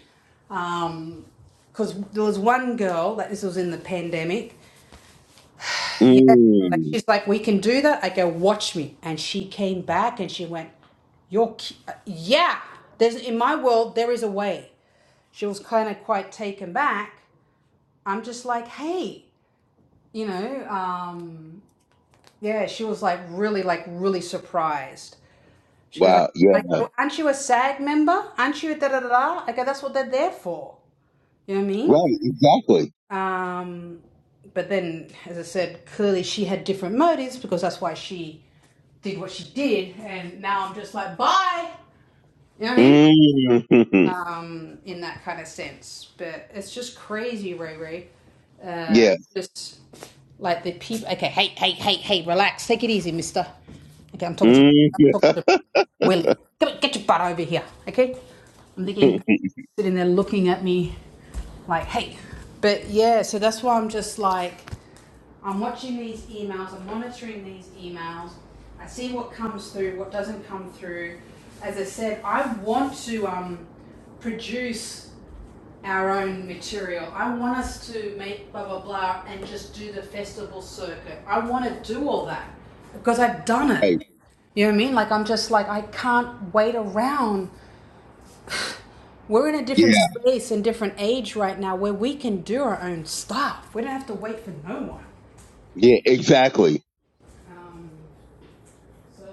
A: Um because there was one girl that this was in the pandemic yeah. Like
B: Mm.
A: she's like, we can do that. I go, watch me. And she came back and she went, you're, ki- uh, yeah. There's in my world there is a way. She was kind of quite taken back. I'm just like, hey, you know, um, yeah. She was like really, like really surprised. She goes, I,
B: Wow.
A: I
B: Yeah.
A: go, aren't you a SAG member? Aren't you da da da da? I go, that's what they're there for. You know what I mean?
B: Right. Exactly.
A: Um, but then, as I said, clearly she had different motives because that's why she did what she did. And now I'm just like, bye. You know what I mean?
B: Mm-hmm.
A: um, in that kind of sense. But it's just crazy, Ray Ray. Uh,
B: Yeah.
A: just like the people. Okay, hey, hey, hey, hey, relax. Take it easy, Mister. Okay, I'm talking to. I'm talking
B: Mm-hmm.
A: to Willie. Come on, get your butt over here. Okay. I'm thinking sitting there looking at me like, hey. But yeah, so that's why I'm just like. I'm watching these emails, I'm monitoring these emails, I see what comes through, what doesn't come through. As I said, I want to um, produce our own material. I want us to make blah blah blah and just do the festival circuit. I want to do all that because I've done it.
B: right.
A: You know what I mean? Like I'm just like I can't wait around. We're in a different
B: Yeah.
A: space and different age right now where we can do our own stuff. We don't have to wait for no one.
B: Yeah. Exactly.
A: Um, So,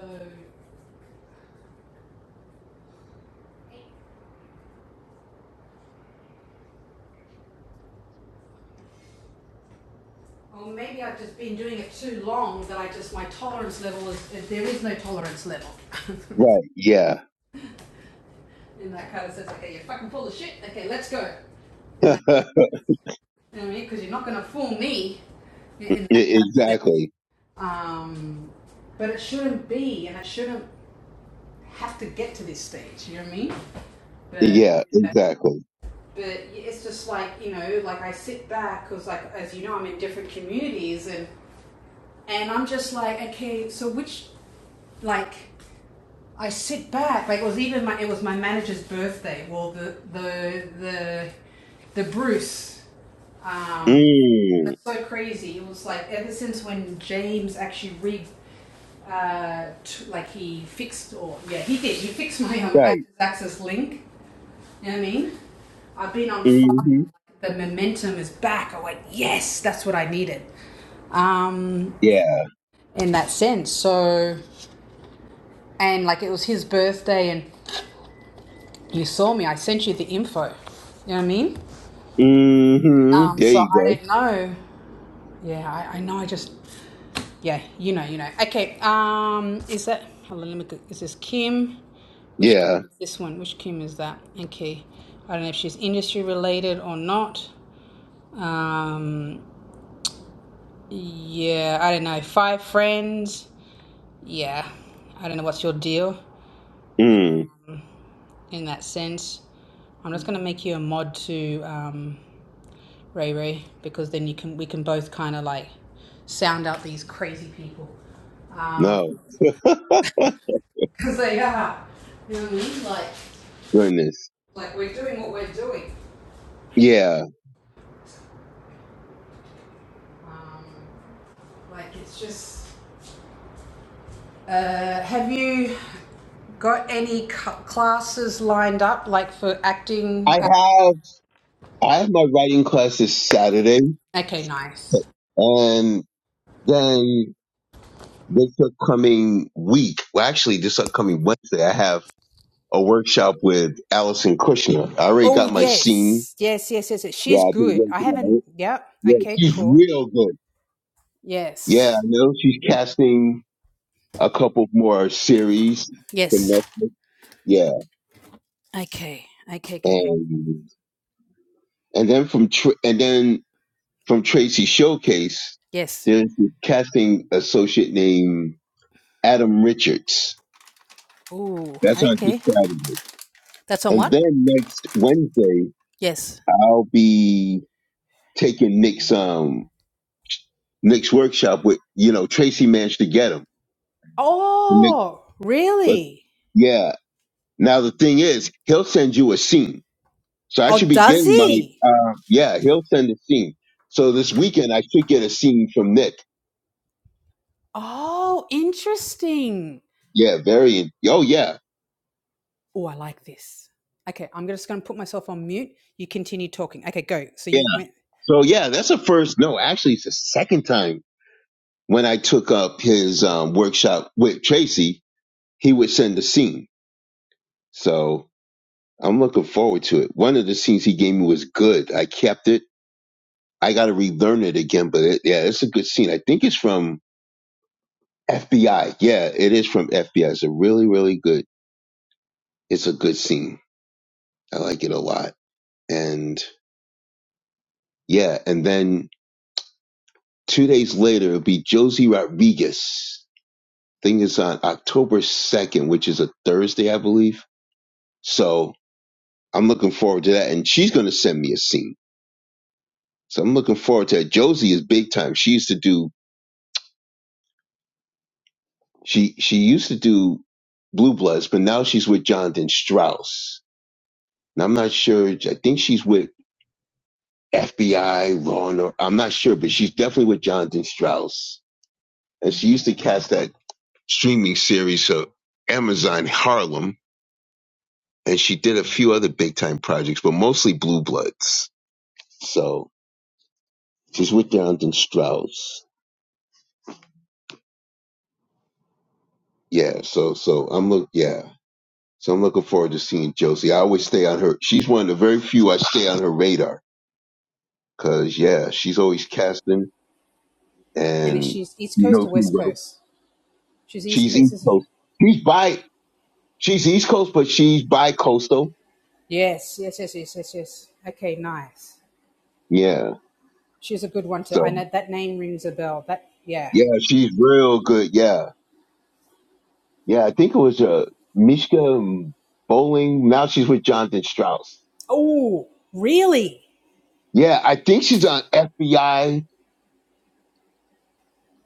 A: well, maybe I've just been doing it too long that I just, my tolerance level is, if there is no tolerance level. and
B: Right. Yeah.
A: that kind of says, okay, you're fucking full of shit, okay, let's go. And that,
B: yeah.
A: you know what I mean? Because you're not going to fool me in that kind of sense.
B: Exactly.
A: Um, but it shouldn't be, and it shouldn't have to get to this stage, you know what I mean? But,
B: Yeah. Exactly.
A: but it's just like, you know, like I sit back because, like, as you know, I'm in different communities and, and I'm just like, okay, so which, like, I sit back. Like it was even my it was my manager's birthday. Well, the the the the Bruce. Um,
B: Mm.
A: that's so crazy. It was like ever since when James actually re uh, t- like he fixed or yeah he did he fixed my um
B: Right.
A: actors access link. You know what I mean? I've been on fire.
B: Mm-hmm.
A: The momentum is back. I went yes, that's what I needed. Um,
B: Yeah.
A: in that sense, so and like it was his birthday and You saw me. I sent you the info. You know what I mean?
B: Mm-hmm.
A: Um,
B: There
A: so
B: you
A: I
B: go.
A: don't know. Yeah, I, I know. I just yeah, you know, you know. Okay. Um, is that? Hold on, let me. go- Is this Kim? Which Kim
B: Yeah.
A: is this one? Which Kim is that? Okay. I don't know if she's industry related or not. Um, yeah, I don't know. Five friends. Yeah, I don't know what's your deal
B: Mm.
A: in that sense. I'm just gonna make you a mod to um. Ray Ray, because then you can we can both kind of like sound out these crazy people, um,
B: No.
A: because they are. You know what I mean? Like,
B: Goodness.
A: like we're doing what we're doing.
B: Yeah.
A: Um, like it's just. Uh, have you got any cu- classes lined up, like for acting?
B: I
A: Uh,
B: have. I have my writing class this Saturday,
A: okay, nice.
B: and then this upcoming week, well, actually, this upcoming Wednesday, I have a workshop with Allison Kushner. I already
A: Oh
B: got my scene.
A: yes, yes, yes, yes, yes.
B: Yeah,
A: She's
B: I've been
A: good. I
B: working on
A: haven't.
B: it.
A: Yep.
B: Yeah,
A: Okay.
B: she's
A: Cool.
B: real good. Yeah, I
A: Yes.
B: know she's casting a couple more series for
A: Yes.
B: Netflix. Yeah,
A: Okay. Okay. Okay. Okay.
B: and and then from Tr- and then from Tracy Showcase,
A: Yes.
B: there's a casting associate named Adam Richards
A: Ooh,
B: That's on this
A: okay.
B: Saturday.
A: That's on
B: And
A: what?
B: then next Wednesday,
A: Yes.
B: I'll be taking Nick's um Nick's workshop with you know Tracy managed to get him. And Nick,
A: Oh,
B: but
A: really?
B: yeah. Now the thing is, he'll send you a scene, so I should
A: Oh,
B: be
A: does
B: getting my
A: he?
B: uh, yeah. He'll send a scene. So this weekend, I should get a scene from Nick.
A: Oh, interesting.
B: Yeah, very. Oh yeah,
A: Oh, I like this. Okay, I'm just going to put myself on mute. You continue talking. Okay, go. So
B: yeah.
A: you went.
B: So yeah, that's the first. No, actually, it's the second time when I took up his um, workshop with Tracy. He would send a scene. So I'm looking forward to it. One of the scenes he gave me was good. I kept it. I got to relearn it again, but it, yeah, it's a good scene. I think it's from FBI. Yeah, it is from FBI. It's a really, really good. It's a good scene. I like it a lot. And yeah, and then two days later it'll be Josie Rodriguez. Thing is on October second, which is a Thursday, I believe. So I'm looking forward to that, and she's going to send me a scene. So I'm looking forward to that. Josie is big time. She used to do She she used to do Blue Bloods, but now she's with Jonathan Strauss. And I'm not sure. I think she's with FBI, Law and Or- I'm not sure, but she's definitely with Jonathan Strauss. And she used to cast that streaming series of Amazon Harlem, and she did a few other big time projects, but mostly Blue Bloods. So she's with Jonathan Strauss. Yeah. So so I'm look. Yeah. So I'm looking forward to seeing Josie. I always stay on her. She's one of the very few I stay on her radar Cause yeah, she's always casting
A: And
B: and
A: she's East
B: you
A: Coast
B: know
A: or
B: she
A: West
B: will.
A: Coast? She's East
B: She's
A: Coast,
B: East
A: isn't she?
B: Coast. She's by she's East Coast, but she's bi coastal.
A: Yes, yes, yes, yes, yes, yes. Okay, nice.
B: Yeah.
A: She's a good one too.
B: So
A: I know that name rings a bell. That yeah.
B: yeah, she's real good. Yeah. Yeah, I think it was uh Mishka Bowling. Now she's with Jonathan Strauss.
A: Oh, really?
B: Yeah, I think she's on FBI.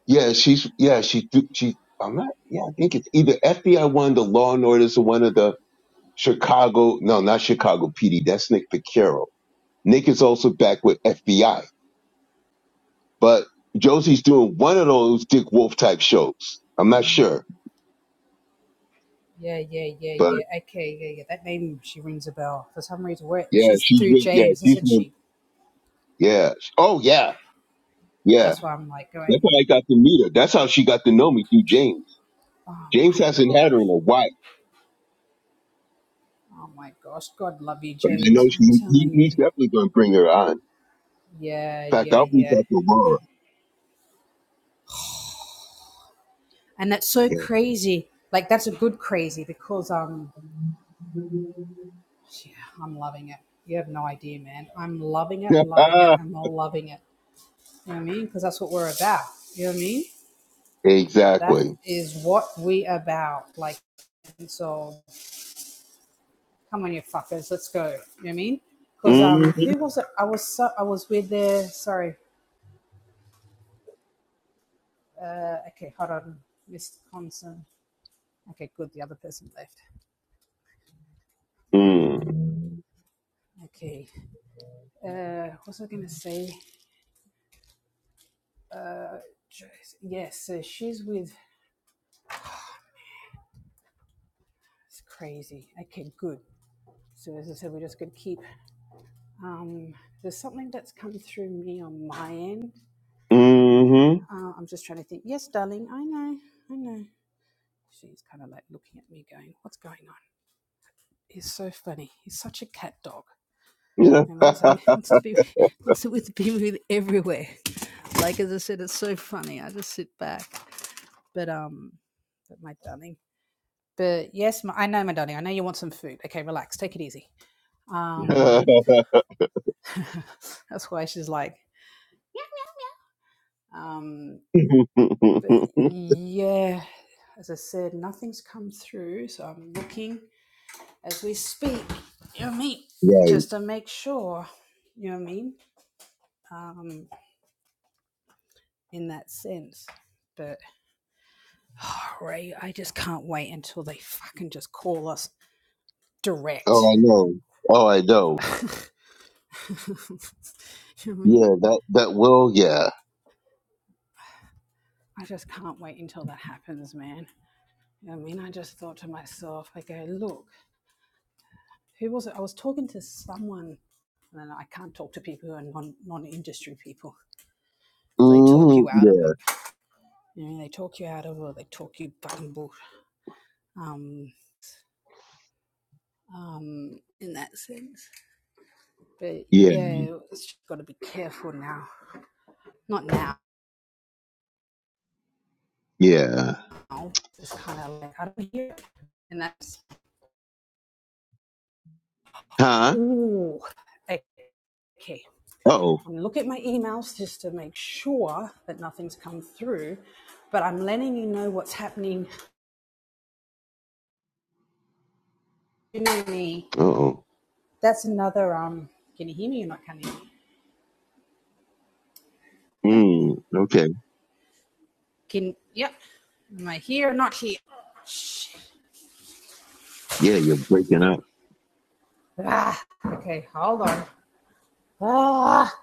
B: Yeah, she's yeah, she do she I'm not yeah, I think it's either FBI one, the Law and Orders or one of the Chicago no, not Chicago PD, that's Nick Picaro Nick is also back with FBI, but Josie's doing one of those Dick Wolf type shows. I'm not sure,
A: Yeah, yeah, yeah,
B: but
A: yeah. Okay, yeah, yeah. That name she rings a bell for some reason. Where
B: yeah,
A: she's
B: she's
A: through
B: with, yeah,
A: James,
B: she's
A: isn't
B: with,
A: she?
B: yeah. Oh yeah, yeah.
A: That's why I'm like going.
B: That's how I got to meet her. That's how she got to know me through James.
A: Oh
B: James
A: my
B: hasn't had her
A: gosh.
B: in a while,
A: Oh my gosh. God love you,
B: but I know
A: James.
B: she,
A: I'm
B: he,
A: telling
B: he's
A: you.
B: definitely going to bring her on. In
A: Yeah,
B: fact,
A: yeah,
B: I'll reach
A: yeah.
B: out to Laura.
A: And that's so
B: Yeah.
A: crazy. Like that's a good crazy because um Yeah, I'm loving it. You have no idea, man. I'm loving it, loving it,
B: Ah,
A: and we're loving it. You know what I mean? Because that's what we're about. You know what I mean? That
B: exactly.
A: is what we about. Like, so come on, you fuckers, let's go. You know what I mean? Because
B: hmm
A: um, who was it? I was so, I was with there. Sorry. Uh, okay, hold on, Miss Conson. Okay, good. The other person left.
B: Mm.
A: Okay. Uh, what was I gonna say? Yes, so she's with. It's crazy. Okay, good. So as I said, we're just gonna keep. Um, there's something that's come through me on my end.
B: hmm
A: Uh, I'm just trying to think. Yes, darling, I know, I know. She's kind of like looking at me, going, "What's going on?" He's so funny. He's such a cat dog. I mean, it's like he wants to be wants to with, be with everywhere. Like as I said, it's so funny. I just sit back. But um, but my darling. But yes, my, I know, my darling. I know you want some food. Okay, relax. Take it easy. Um, that's why she's like, um, but
B: Yeah.
A: yeah, as I said, nothing's come through, so I'm looking as we speak. You know what I mean?
B: Right.
A: Just to make sure. You know what I mean? Um, in that sense. But oh, Ray, I just can't wait until they fucking just call us
B: Oh,
A: direct.
B: I know. Oh, I know.
A: you know what I mean?
B: Yeah, that that will. Yeah.
A: I just can't wait until that happens, man. You know what I mean, I just thought to myself, I go, look. who was it? I was talking to someone, and then I can't talk to people who are non non industry people because they talk
B: Mm,
A: you out of
B: yeah.
A: it. You know, they talk you out of it, or they talk you bumble. Um, um, in that sense, but
B: Yeah.
A: yeah, it's just got to be careful now. Not now.
B: Yeah.
A: It's kind of like I don't hear it, and that's
B: Huh?
A: ooh, okay.
B: Oh.
A: I'm looking at my emails just to make sure that nothing's come through, but I'm letting you know what's happening to me
B: Oh.
A: That's another. Um, can you hear me or not? Can you? Hear me?
B: Mm, okay.
A: Can yep. Am I here or not here?
B: Yeah, you're breaking up.
A: Ah, okay, hold on. Ah,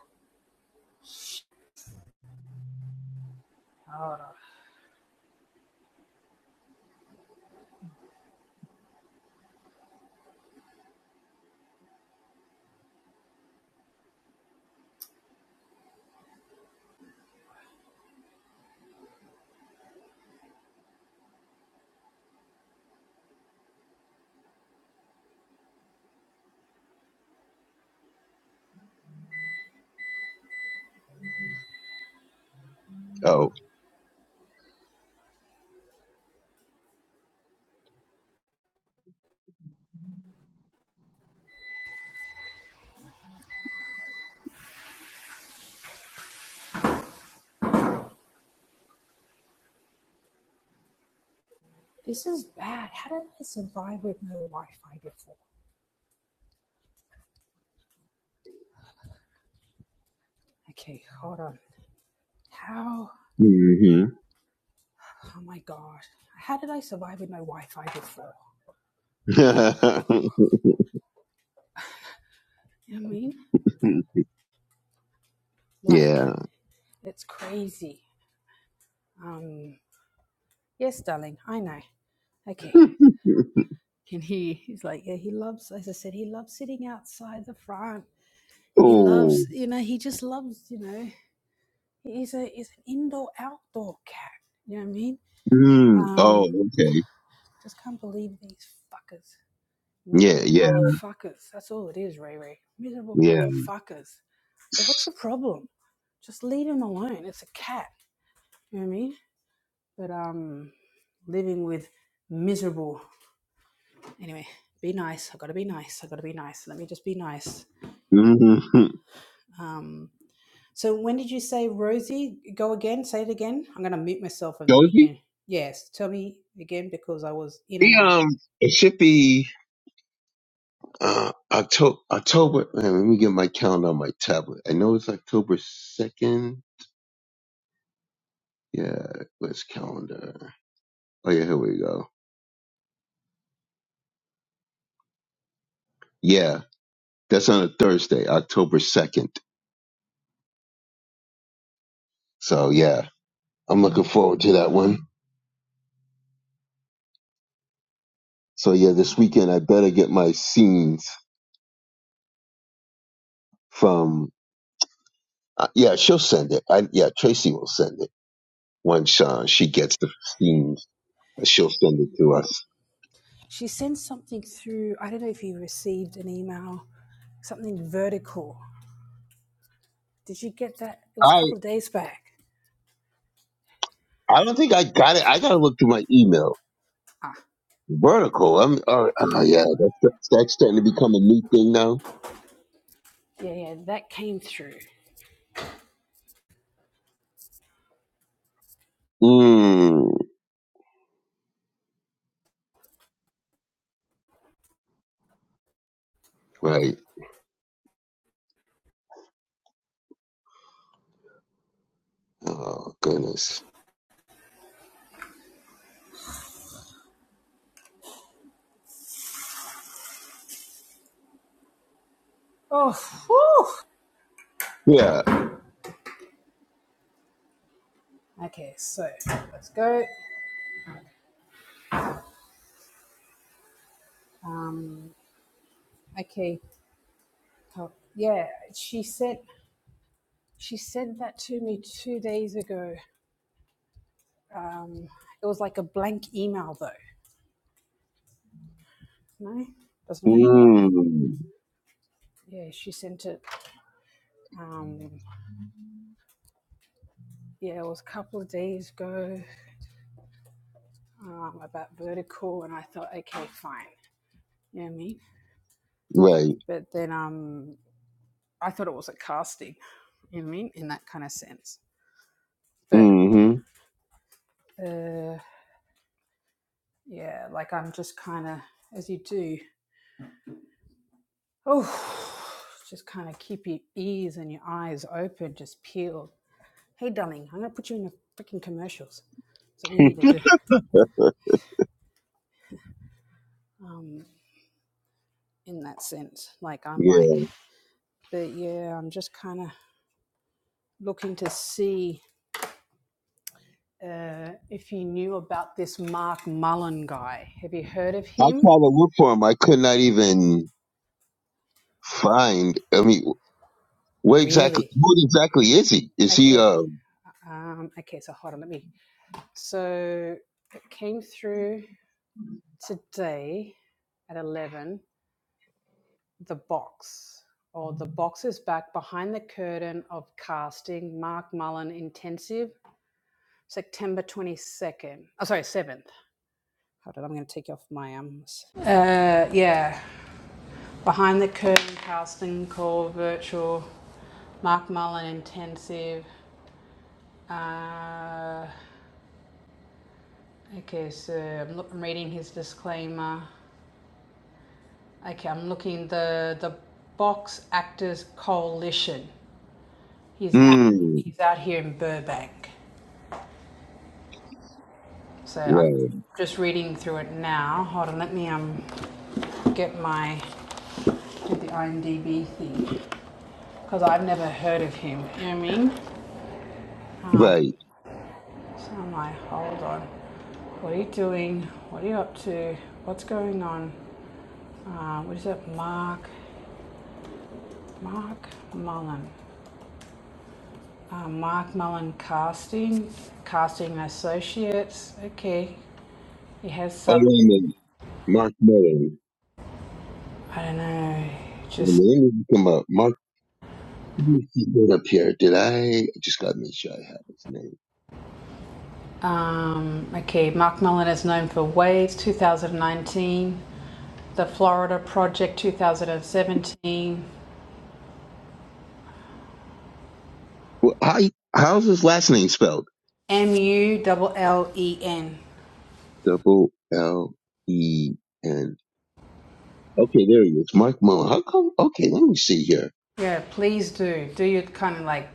B: Oh.
A: this is bad. How did I survive with no Wi-Fi before? Okay, hold on. How?
B: hmm
A: Oh my gosh. How did I survive with no Wi-Fi before? You know what I mean?
B: yeah.
A: Like, it's crazy. Um, yes, darling, I know. Okay. And he, he's like, yeah, he loves, as I said, he loves sitting outside the front He loves,
B: oh.
A: you know, he just loves, you know, he's a he's an indoor outdoor cat. You know what I mean?
B: Mm. Oh.
A: Um,
B: Okay.
A: just can't believe these fuckers,
B: Yeah.
A: miserable
B: Yeah.
A: motherfuckers. That's all it is, Ray Ray. Miserable
B: Yeah.
A: motherfuckers. Go, what's your problem? Just leave him alone. It's a cat. You know what I mean? But um, living with miserable. Anyway, be nice. I gotta be nice. I gotta be nice. Let me just be nice.
B: Mm-hmm.
A: Um, So when did you say Rosie? Go again. Say it again. I'm going to mute myself, and then you
B: Josie.
A: can. Yes, tell me again because I was in
B: The
A: and out.
B: um. It should be. Uh, October, October, man, let me get my calendar on my tablet. I know it's October 2nd. Yeah, let's calendar. Oh yeah, here we go. Yeah, that's on a Thursday, October second. So yeah, I'm looking forward to that one. So yeah, this weekend I better get my scenes from. Uh, yeah, she'll send it. I, yeah, Tracy will send it once uh, she gets the scenes. She'll send it to us.
A: She sent something through. I don't know if you received an email. Something vertical. Did you get that? It was a
B: I
A: couple of days back.
B: I don't think I got it. I gotta look through my email.
A: Ah,
B: Vertical. I'm. Uh, uh, yeah, that's that's starting to become a new thing now.
A: yeah, yeah, that came through.
B: Mm, right. Oh goodness.
A: Oh, whew.
B: Yeah.
A: okay. So let's go. Um, okay. Oh, yeah, she sent she sent that to me two days ago. Um, it was like a blank email though. No, doesn't ring a bell.
B: Mm.
A: Yeah, she sent it. Um, yeah, it was a couple of days ago um, about vertical, and I thought, okay, fine. You know what I mean?
B: Right.
A: But then um, I thought it was a casting. You know what I mean? In that kind of sense. But
B: hmm
A: uh, yeah, like I'm just kind of as you do. Oh, just kind of keep your ears and your eyes open, just peeled. Hey, darling, I'm gonna put you in the freaking commercials. So we need to do in that sense. Like I'm
B: Yeah.
A: like but yeah, I'm just kind of looking to see uh, if you knew about this Mark Mullen guy. Have you heard of
B: I
A: him?
B: tried to look for him. I could not even find. I mean, what exactly?
A: Really?
B: What exactly is he? Is he?
A: Okay.
B: Uh.
A: Um, okay, so hold on, let me. So it came through today at 11, the box, or the box is back behind the curtain of casting Mark Mullen Intensive, September 22nd. Oh, sorry, 7th. Hold on, I'm going to take you off my arms. Uh, yeah. Behind the Curtain casting call virtual. Mark Mullen intensive. Uh, okay, so I'm, look, I'm reading his disclaimer. Okay, I'm looking the the Box Actors Coalition. He's out,
B: Mm.
A: he's out here in Burbank. So I'm
B: Right.
A: just reading through it now. Hold on, let me um get my do the IMDb thing because I've never heard of him. You know what I mean?
B: Right.
A: So I'm like, hold on. What are you doing? What are you up to? What's going on? Uh, what is it? Mark, Mark Mullen. Uh, Mark Mullen Casting, Casting Associates. Okay. He has
B: Oh,
A: some,
B: wait a minute. Mark Mellon.
A: I don't know,
B: Wait a
A: just,
B: minute, Let me look him up. Mark. Let me see it up here. Did I? I just got to make sure I have his name.
A: um, okay. Mark Mullen is known for Waves 2019, The Florida Project 2017,
B: Well, how? How's his last name spelled?
A: M U L L E N.
B: Double L E N. Okay, there he is. Mark Mullen. How come? Okay, let me see here.
A: Yeah, please do. Do your kind of like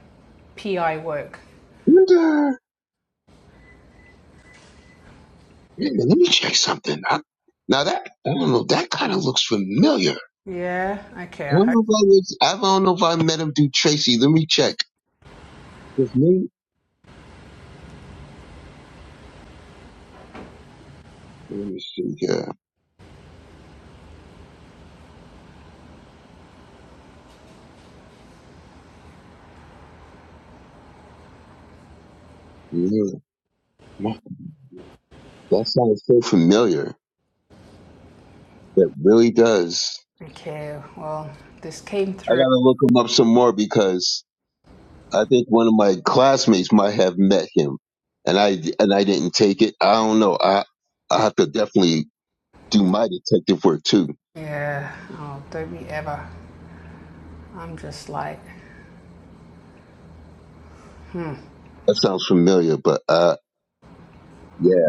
A: PI work.
B: wonder. Wait a minute, let me check something. I, now that I don't know, that kind of looks familiar. I
A: Yeah, okay, I
B: don't
A: hope.
B: know if I was. I don't know if I met him through Tracy. Let me check. His name. Let me see here. Yeah. My- That sounds so familiar. That really does.
A: Okay, well, this came
B: I
A: through.
B: gotta look him up some more because I think one of my classmates might have met him, and I and I didn't take it. I don't know. I I have to definitely do my detective work too.
A: Yeah, oh, don't be ever. I'm just like,
B: That sounds familiar, but uh, yeah.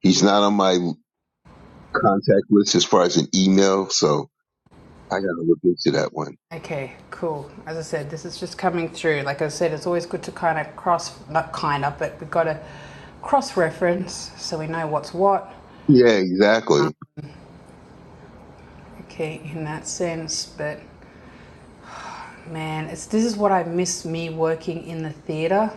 B: He's not on my contact list as far as an email, so I gotta look into that one.
A: okay, cool. As I said, this is just coming through. Like I said, it's always good to kind of cross, not kind of, but we've got to cross reference so we know what's what.
B: Yeah, exactly.
A: Okay, in that sense, but Man, it's this is what I miss me working in the theater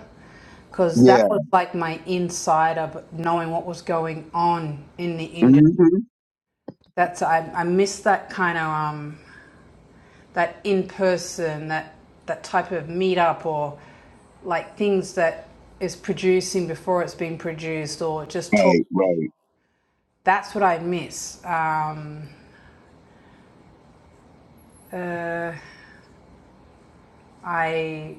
A: because
B: Yeah.
A: that was like my insider, but knowing what was going on in the industry.
B: hmm
A: That's I, I miss that kind of um that in person that that type of meetup or like things that is producing before it's been produced or just talk.
B: Right, right.
A: That's what I miss. Um, uh, I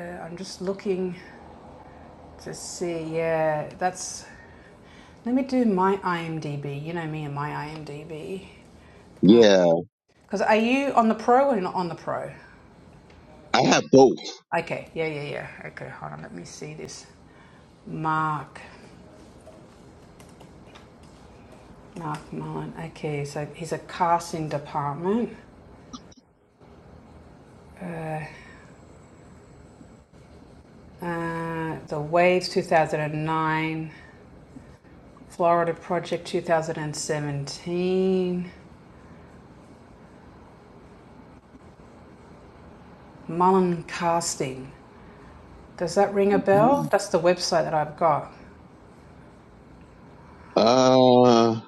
A: uh, I'm just looking to see. Yeah, that's. Let me do my IMDb. You know me and my IMDb.
B: Yeah,
A: Because are you on the pro or you're not on the pro?
B: I have both.
A: Okay, yeah, yeah, yeah. Okay, hold on. Let me see this. Mark. Mark Mullen. Okay, so he's a casting department. Uh, the Waves 2009, Florida Project 2017, Mullen Casting. Does that ring a bell? That's the website that I've got.
B: Uh,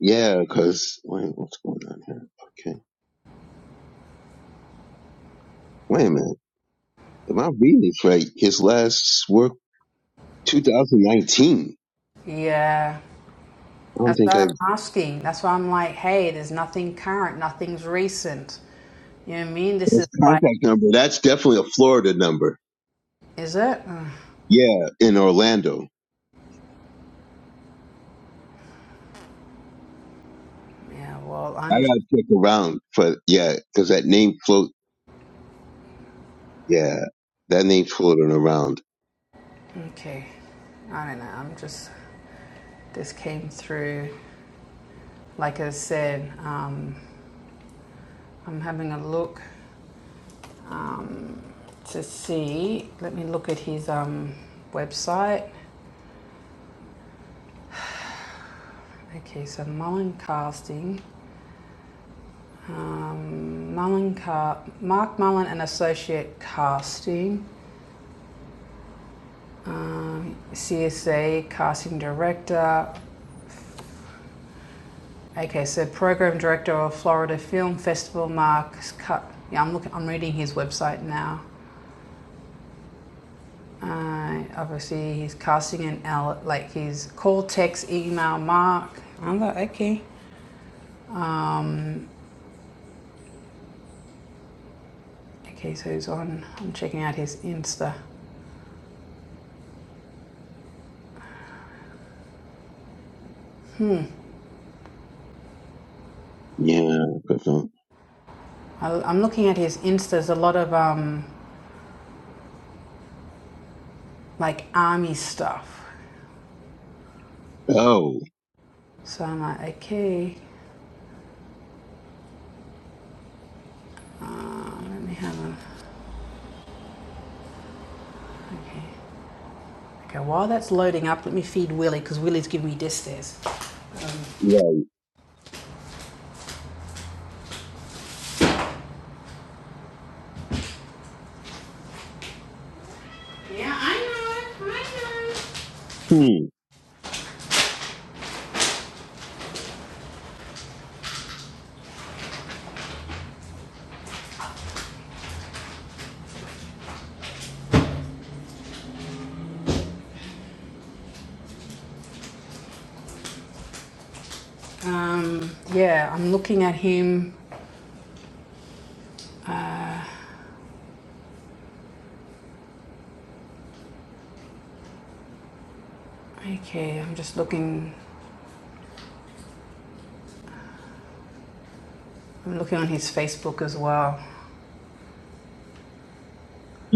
B: yeah, because wait, what's going on here? Okay, wait a minute. Am I reading this right? His last work, 2019. I
A: Yeah,
B: don't
A: That's
B: think
A: what
B: I.
A: I'm asking. That's why I'm like, hey, there's nothing current, nothing's recent. You know what I mean? This is
B: His
A: like,
B: contact number. That's definitely a Florida number.
A: is it? Ugh,
B: Yeah, in Orlando.
A: yeah, well,
B: I
A: I'm just,
B: gotta check around, but yeah, because that name floats. Yeah, that name floating around.
A: okay. I don't know. I'm just, this came through. Like I said, um, I'm having a look to see. Let me look at his um, website. Okay, so Mullen Casting. Um, Mullen Car- Mark Mullen and Associate Casting. um, CSA casting director. Okay, so program director of Florida Film Festival, Mark. Yeah, I'm looking. I'm reading his website now. Uh, obviously, he's casting an L. Like he's call, text, email, Mark. I'm like, okay. Um, Okay, so he's on. I'm checking out his Insta.
B: Yeah, but um,
A: I, I'm looking at his Insta. There's a lot of um, like army stuff.
B: oh,
A: So I'm like, okay. Um, let me have a. Okay. Okay, while that's loading up, let me feed Willie because Willie's giving me death stares.
B: right.
A: Yeah, I know. I
B: Hmm.
A: know. Um, yeah, I'm looking at him. Okay, I'm just looking. I'm looking on his Facebook as well.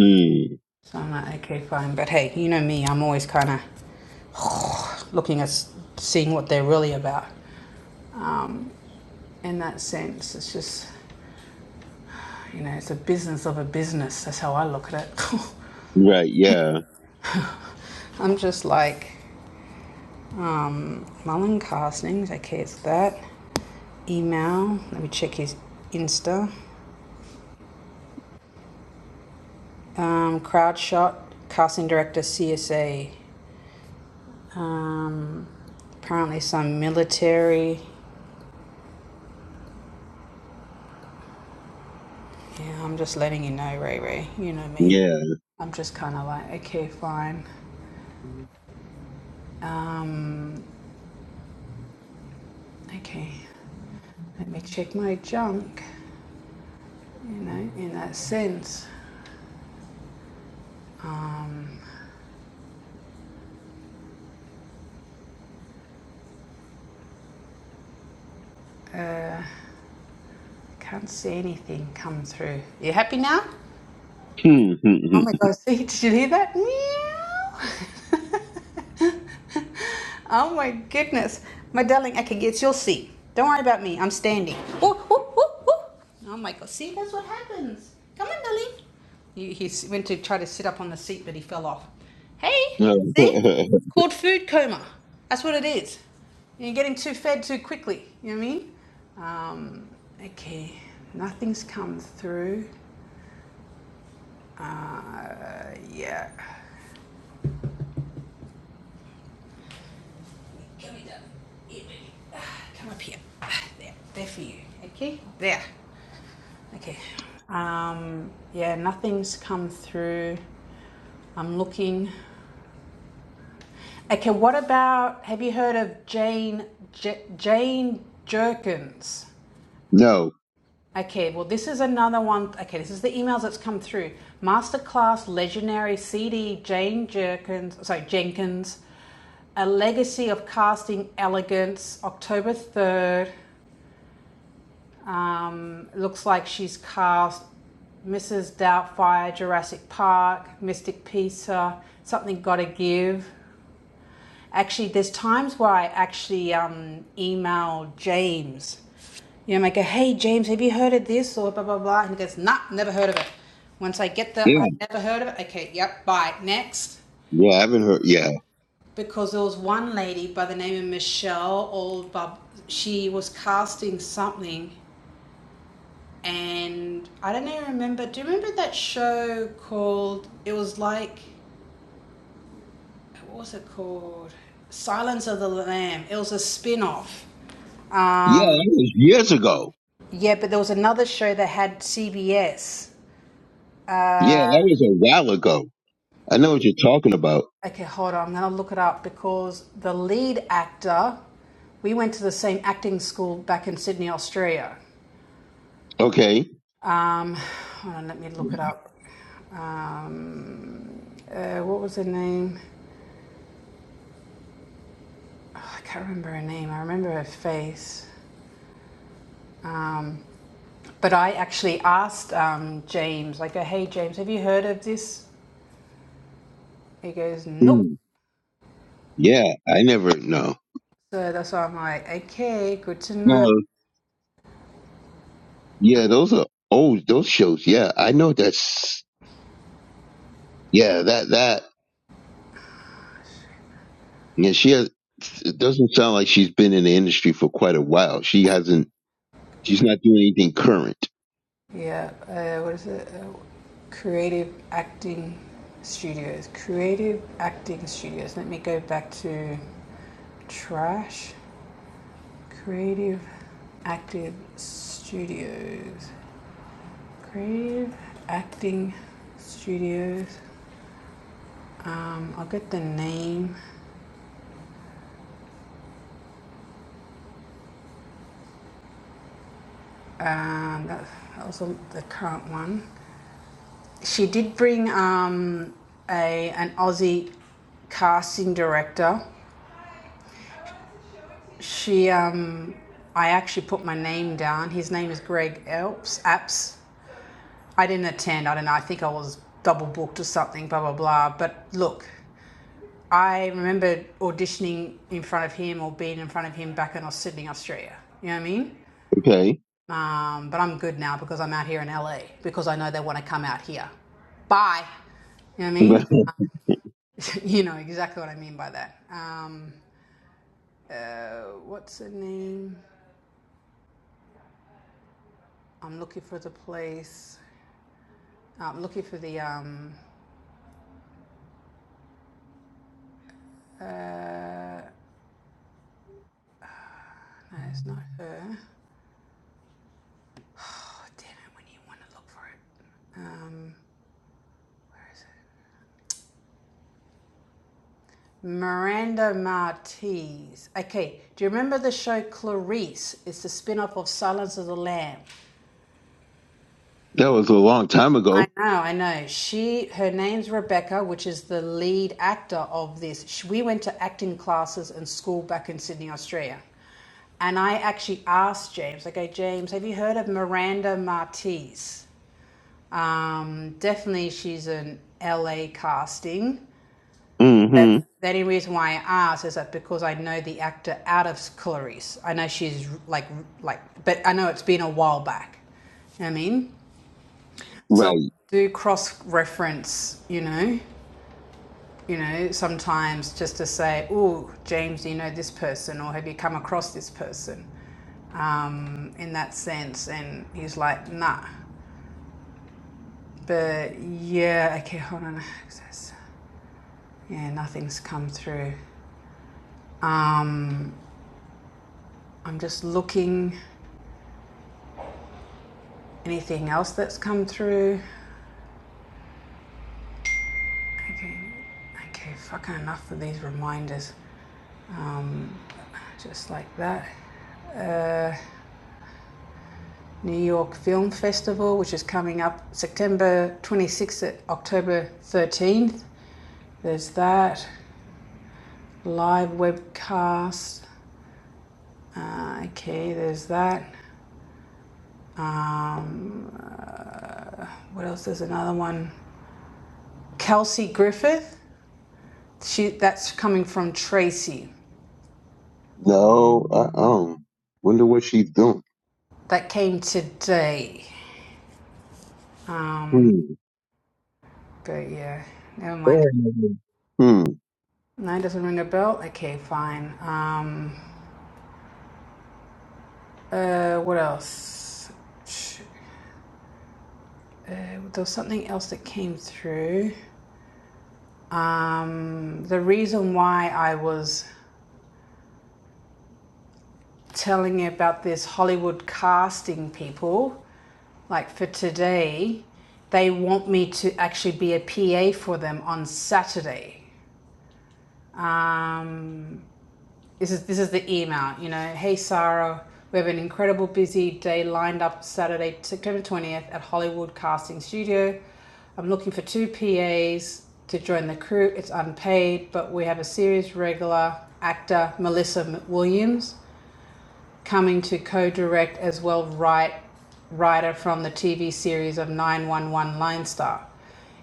B: Hmm.
A: So I'm like, okay, fine. But hey, you know me. I'm always kind of looking at seeing what they're really about. In that sense, it's just you know, it's a business of a business. That's how I look at it.
B: Right. Yeah.
A: I'm just like um, Mullen castings. Okay, it's that. email. Let me check his Insta. Um, Crowdshot, casting director, CSA. Um, apparently, some military. Yeah, I'm just letting you know, Ray Ray. You know me.
B: Yeah.
A: I'm just kind of like, okay, fine. Um, okay, let me check my junk, you know, in that sense. Um, uh, can't see anything come through. You happy now?
B: Hmm. hmm, hmm.
A: Oh my gosh, see, did you hear that? Meow. oh my goodness. My darling, I can get your seat. Don't worry about me. I'm standing. Ooh, ooh, ooh, ooh. Oh my god. See, that's what happens. Come on, darling. He, he s- went to try to sit up on the seat, but he fell off. Hey,
B: No.
A: see? Called food coma. That's what it is. You're getting too fed too quickly. You know what I mean? Um, okay. Nothing's come through. Uh, yeah. Come here, darling. Here, baby. Ah, Come up here. Ah, There. There for you. Okay. There. Okay. Um, yeah, nothing's come through. I'm looking. Okay, what about have you heard of Jane J- Jane Jerkins?
B: no.
A: Okay, well this is another one. Okay, this is the emails that's come through. Masterclass legendary CD Jane Jerkins, sorry Jenkins, a legacy of casting elegance. October third. Um, looks like she's cast Mrs. Doubtfire, Jurassic Park, Mystic Pizza, Something Gotta Give. Actually, there's times where I actually um, email James. You know, I go, hey, James, have you heard of this? Or blah, blah, blah. And he goes, nah, never heard of it. Once I get the, I
B: Yeah.
A: never heard of it. Okay, yep, bye. Next.
B: Yeah. I haven't heard. Yeah.
A: Because there was one lady by the name of Michelle, or Bob, she was casting something and I don't even remember. Do you remember that show called? It was like what was it called? Silence of the Lamb. It was a spin off.
B: Yeah.
A: Um,
B: That was years ago.
A: yeah, but there was another show that had CBS.
B: Yeah.
A: Uh,
B: That was a while ago. I know what you're talking about.
A: okay, hold on. I'm gonna look it up because the lead actor. We went to the same acting school back in Sydney, Australia.
B: Okay.
A: Um, hold on, let me look it up. Um, uh, what was her name? I can't remember her name. I remember her face. Um, but I actually asked um, James, like, uh, hey, James, have you heard of this? He goes, nope.
B: Hmm. Yeah. I never know.
A: So that's why I'm like, okay, good to know.
B: No. Yeah. Those are old. Those shows. Yeah. I know that's. Yeah. That. That. Yeah, she has. It doesn't sound like she's been in the industry for quite a while. She hasn't. She's not doing anything current.
A: Yeah, uh, what is it? Uh, creative Acting Studios. Creative Acting Studios. Let me go back to trash. Creative Active Studios. Creative Acting Studios. Um, I'll get the name. Um, that, was the current one. She did bring um, a an Aussie casting director. She, um, I actually put my name down. His name is Greg Elps. Apps. I didn't attend. I don't know. I think I was double booked or something. Blah blah blah. But look, I remember auditioning in front of him or being in front of him back in Sydney, Australia. You know what I mean?
B: Okay,
A: Um, but I'm good now because I'm out here in LA because I know they want to come out here. Bye. You know what I mean?
B: But
A: Uh, you know exactly what I mean by that. Um, uh, what's the name? I'm looking for the place. Uh, I'm looking for the. Um, uh, no, it's not her. Oh, damn it, when you want to look for it. Um, where is it? Miranda Martiz. Okay, do you remember the show Clarice? It's the spin off of Silence of the Lambs.
B: that was a long time
A: I
B: ago.
A: know, I know. She, her name's Rebecca, which is the lead actor of this. Sh we went to acting classes and school back in Sydney, Australia. And I actually asked James, I go, James, have you heard of Miranda Martiz? Um, definitely she's an LA casting. But
B: hmm
A: the only reason why I asked is that because I know the actor out of Clarice. I know she's like, like, but I know it's been a while back. You know what I mean? So I
B: Right.
A: do cross reference, you know, you know, sometimes just to say, oh, James, do you know this person or have you come across this person? Um, in that sense. And he's like, nah. But yeah, okay, hold on. access. Yeah, nothing's come through. Um, I'm just looking. Anything else that's come through? Okay, okay, fucking enough with these reminders. um, just like that. Uh, New York Film Festival, which is coming up September 26th to October 13th. There's that. Live webcast. Uh, okay, there's that. Um, what else? There's another one. Kelsey Griffith. She that's coming from Tracy.
B: No, I um. Wonder what she's doing.
A: That came today. Um,
B: Hmm.
A: but yeah, never mind.
B: Hmm.
A: Nine doesn't ring a bell. Okay, fine. Um, uh, what else? There was something else that came through. Um, the reason why I was telling you about this Hollywood casting people, like for today, they want me to actually be a PA for them on Saturday. Um, This is this is the email, you know. Hey Sarah, we have an incredible busy day lined up Saturday, September 20th at Hollywood Casting Studio. I'm looking for two PAs to join the crew. It's unpaid, but we have a series regular actor Melissa Williams coming to co-direct as well write writer from the TV series of 911 Lone Star.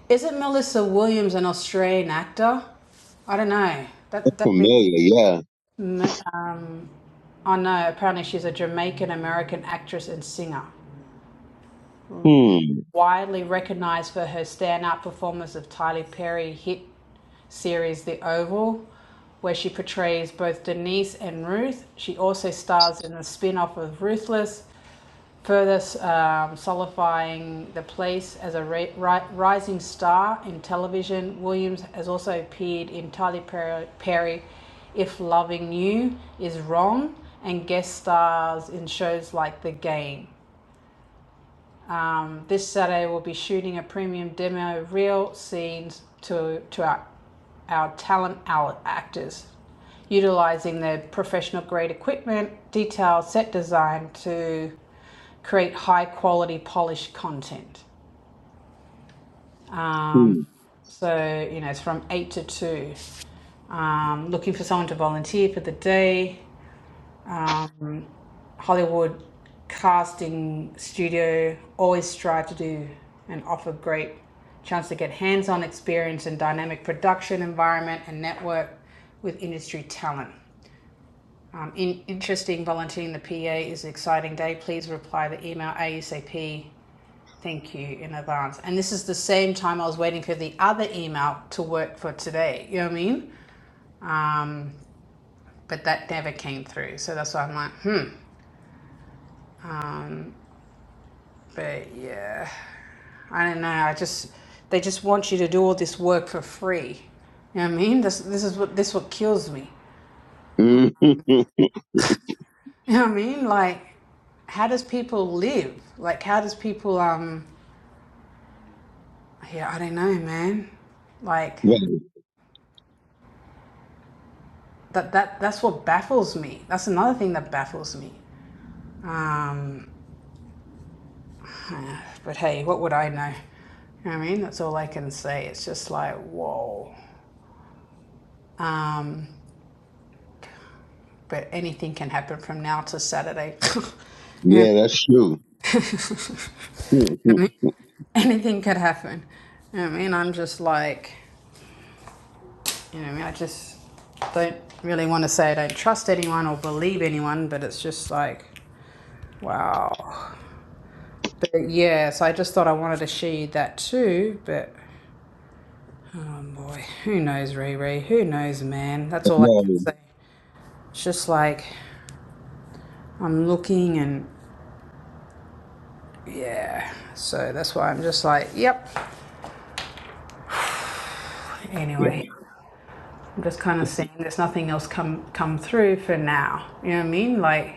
A: Isn't Melissa Williams an Australian actor? I don't know. That that
B: Familiar.
A: rings. a
B: Yeah.
A: M- Um, oh no, apparently she's a Jamaican American actress and singer,
B: Hmm.
A: widely recognized for her standout performance of Tyler Perry hit series The Oval, where she portrays both Denise and Ruth. She also stars in the spin off of Ruthless further um, solidifying the place as a ri- ri- rising star in television. Williams has also appeared in Tyler Perry, Perry If Loving You Is Wrong, and guest stars in shows like The Game. Um, this Saturday, we'll be shooting a premium demo reel scenes to, to our, our talent actors, utilizing their professional grade equipment, detailed set design to create high quality, polished content. Um,
B: hmm.
A: so, you know, it's from 8 to 2. Um, looking for someone to volunteer for the day. Um, Hollywood casting studio always strive to do and offer great chance to get hands-on experience and dynamic production environment and network with industry talent. Um, in, interesting volunteering the PA is an exciting day. Please reply the email ASAP. Thank you in advance. And this is the same time I was waiting for the other email to work for today. You know what I mean? Um, but that never came through. So that's why I'm like, hmm. But yeah. I don't know. I just they just want you to do all this work for free. You know what I mean? This this is what this what kills me.
B: Mhm.
A: You know what I mean? Like, how does people live? Like, how does people um? Yeah, I don't know, man. Like
B: right.
A: that that that's what baffles me. That's another thing that baffles me. Um, but hey, what would I know? You know what I mean? That's all I can say. It's just like whoa. Um, but anything can happen from now to Saturday. you know what I mean?
B: Yeah, that's true. Hmm, hmm.
A: anything could happen. You know what I mean, I'm just like, you know, what I mean, I just don't really want to say I don't trust anyone or believe anyone, but it's just like, wow. But yeah, so I just thought I wanted to share that too, but oh boy, who knows, Riri? Who knows, man? That's all I
B: no.
A: can say. It's just like, I'm looking and yeah, so that's why I'm just like, yep. Anyway, I'm just kind of seeing there's nothing else come come through for now. You know what I mean? Like,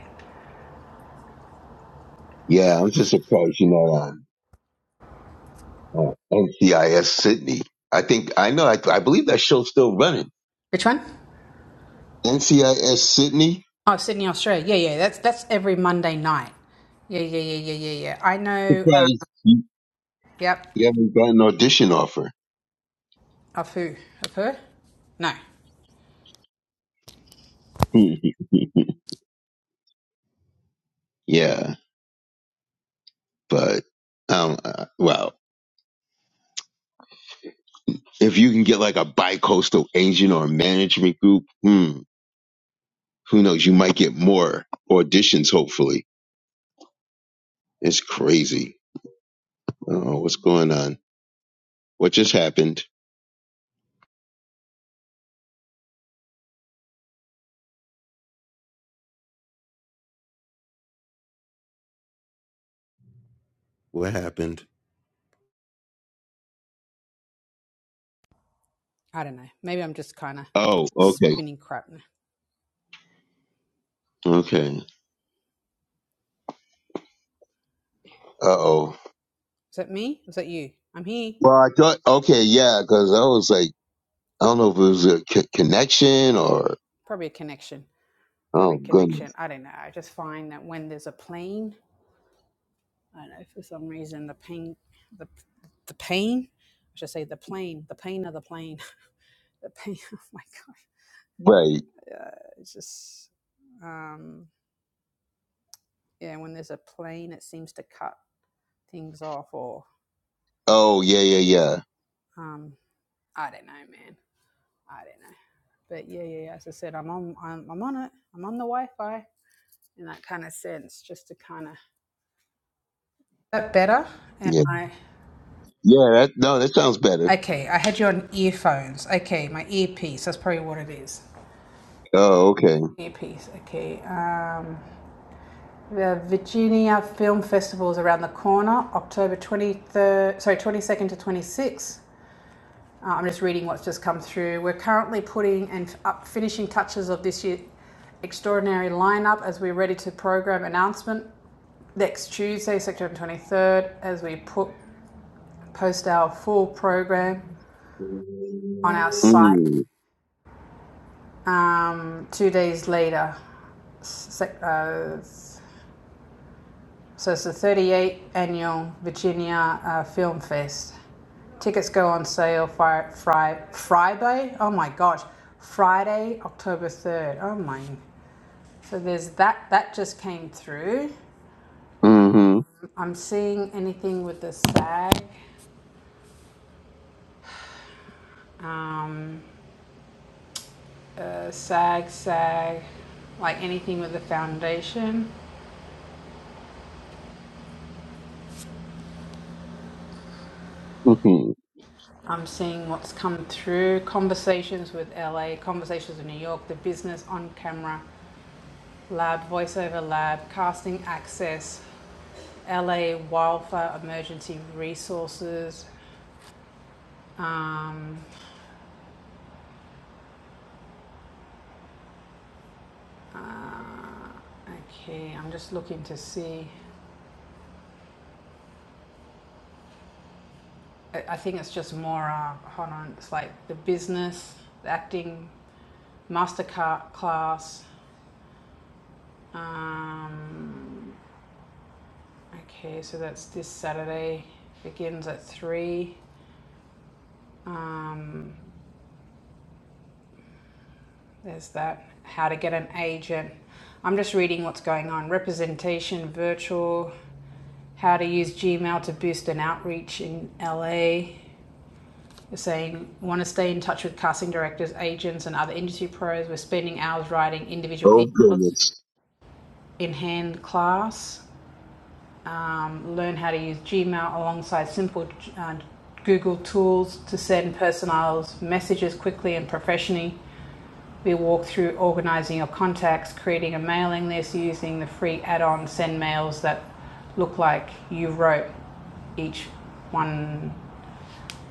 B: Yeah, I'm just surprised you're not on. Oh, NCIS Sydney. I think I know. I, I believe that show's still running.
A: which one?
B: NCIS Sydney.
A: Oh, Sydney, Australia. Yeah, yeah. That's that's every Monday night. Yeah, yeah, yeah, yeah, yeah, yeah. I know. Um,
B: Surprised you
A: yep.
B: you haven't got an audition offer.
A: Of who? Of her? No,
B: Hmm. Yeah, but um, uh, well, if you can get like a bi-coastal agent or a management group, hmm, who knows? You might get more auditions. Hopefully, it's crazy. I don't know what's going on. What just happened? What happened?
A: I don't know. Maybe I'm just kind of
B: Oh, okay,
A: spinning crap. now. Is
B: okay. Uh oh.
A: that me? Is that you? I'm here.
B: Well, I thought okay, yeah, because I was like. I don't know if it was a c- connection or
A: Probably a connection. Probably
B: oh
A: a connection.
B: goodness,
A: I don't know. I just find that when there's a plane, I don't know for some reason the pain, the the pain. I should say the plane. The pain of the plane. the pain. Oh my god.
B: right?
A: It's just. Um, yeah, when there's a plane, it seems to cut things off, or
B: Oh yeah, yeah, yeah,
A: um, I don't know, man. I don't know. But yeah, yeah, yeah. As I said, I'm on, I'm, I'm on it. I'm on the Wi-Fi in that kind of sense, just to kind of. That better? Am
B: yeah,
A: I?
B: yeah. That, no, that sounds better.
A: Okay, I had you on earphones. Okay, my earpiece. That's probably what it is.
B: Oh okay.
A: Earpiece. Okay. Um, the Virginia Film Festival is around the corner, October 23rd, sorry, 22nd to 26th. Uh, I'm just reading what's just come through. We're currently putting and up finishing touches of this year's extraordinary lineup as we're ready to program announcement next Tuesday, September 23rd, as we put post our full program on our site
B: Mm,
A: um, two days later, sec- uh, So it's the 38th annual Virginia uh, Film Fest. Tickets go on sale fri- fri- Friday. Oh my gosh, Friday, October 3rd. Oh my. So there's that. That just came through.
B: mm-hmm.
A: I'm seeing anything with the SAG, um, uh, SAG, SAG, like anything with the foundation.
B: Mm-hmm.
A: I'm seeing what's come through. Conversations with LA, conversations with New York, the business on camera Lab, Voiceover Lab, Casting Access, LA Wildfire Emergency Resources. Um, okay, I'm just looking to see. I, I think it's just more, uh, hold on, it's like the business, the acting, MasterCard class. Um, okay, so that's this Saturday, begins at 3. Um, There's that. How to get an agent. I'm just reading what's going on. Representation, virtual, how to use Gmail to boost an outreach in LA. You're saying, want to stay in touch with casting directors, agents, and other industry pros. We're spending hours writing individual
B: Oh
A: emails
B: goodness.
A: in hand class um, learn how to use Gmail alongside simple uh, Google tools to send personalized messages quickly and professionally. We walk through organizing your contacts, creating a mailing list using the free add on send mails that look like you wrote each one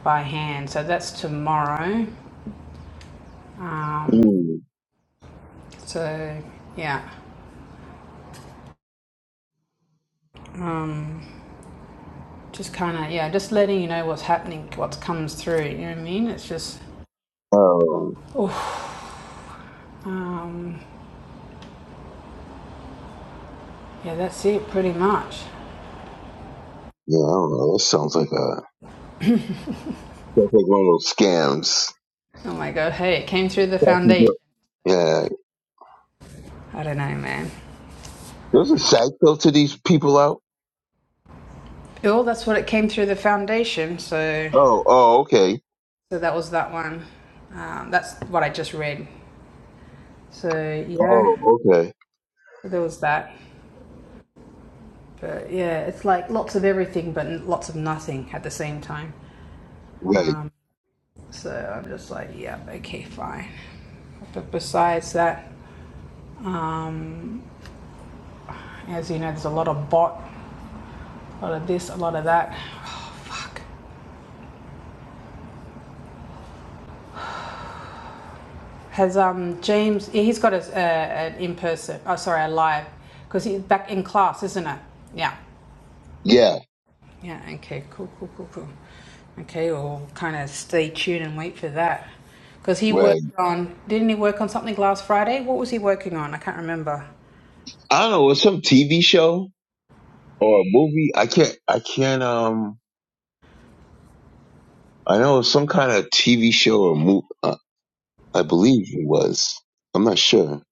A: by hand. So that's tomorrow.
B: Mm.
A: So, yeah, just kind of, yeah, just letting you know what's happening, what comes through. You know what I mean? It's just,
B: Oh
A: um, yeah, that's it pretty much.
B: yeah. I don't know. That sounds like a sounds like one of those scams.
A: Oh my god! hey, it came through the foundation.
B: Yeah.
A: I don't know, man.
B: There's a cycle to these people out.
A: Oh, that's what it came through the foundation. So,
B: Oh. Oh. Okay.
A: so that was that one. Um, that's what I just read. So yeah,
B: Oh. Okay.
A: so there was that. But yeah, it's like lots of everything, but lots of nothing at the same time.
B: Right.
A: So I'm just like, yeah, okay, fine. But besides that, um, as you know, there's a lot of bot, a lot of this, a lot of that. Oh, fuck. Has um, James? He's got a, a, an in person. Oh, sorry, a live, because he's back in class, isn't it? Yeah,
B: Yeah.
A: yeah. Okay, cool, cool, cool, cool. Okay, we'll kind of stay tuned and wait for that, because he
B: Right.
A: worked on. Didn't he work on something last Friday? What was he working on? I can't remember.
B: I don't know. It's some TV show or a movie. I can't. I can't. Um, I know it was some kind of TV show or movie. Uh, I believe he was. I'm not sure.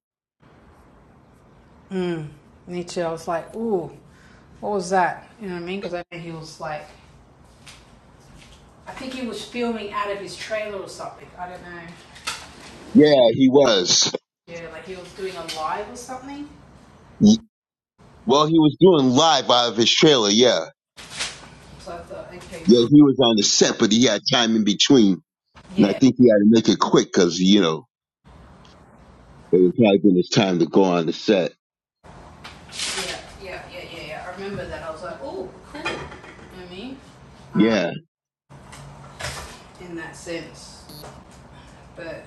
A: And he too, I was like, ooh, what was that? You know what I mean? Because I know he was like, I think he was filming out of his trailer or something. I don't know.
B: Yeah, he was.
A: Yeah, like he was doing a live or something.
B: Y- Well, he was doing live out of his trailer. Yeah,
A: So I thought, okay,
B: yeah,
A: cool.
B: he was on the set, but he had time in between, and
A: yeah.
B: I think he had to make it quick because you know it was probably been his time to go on the set.
A: Yeah, yeah, yeah, yeah, yeah. I remember that. I was like, oh, cool. You know what I mean?
B: Yeah.
A: In that sense. But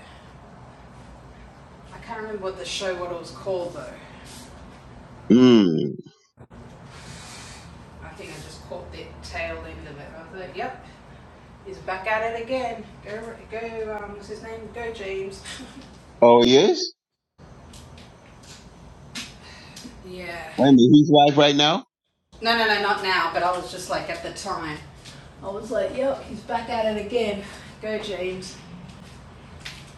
A: I can't remember what the show, what it was called though.
B: Mm.
A: I think I just caught the tail end of it. I was like, yep, he's back at it again. Go, go, um, what's his name? Go, James.
B: Oh, he is.
A: yeah.
B: Wait a minute, he's live right now.
A: No, no, no, not now, but I was just like, at the time. I was like, yep, he's back at it again. Go, James.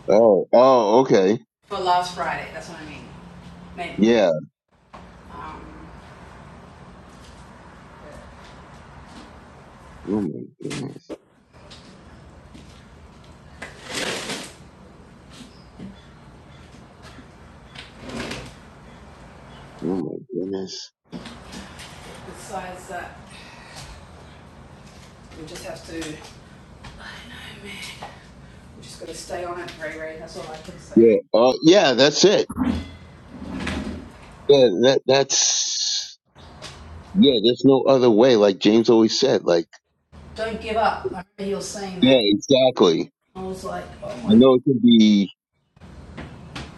B: Oh, oh, okay.
A: For last Friday, that's what I mean. Man.
B: Yeah.
A: Um,
B: Oh my goodness. Oh my goodness.
A: besides that, we just have to, man, I'm just gonna stay on it, Ray Ray, that's all I can say.
B: Yeah. Uh, yeah, that's it. Yeah, that that's yeah, there's no other way, like James always said. Like
A: Don't give up. I remember you were saying
B: Yeah,
A: that.
B: exactly.
A: I was like, oh my
B: I
A: god.
B: know it can be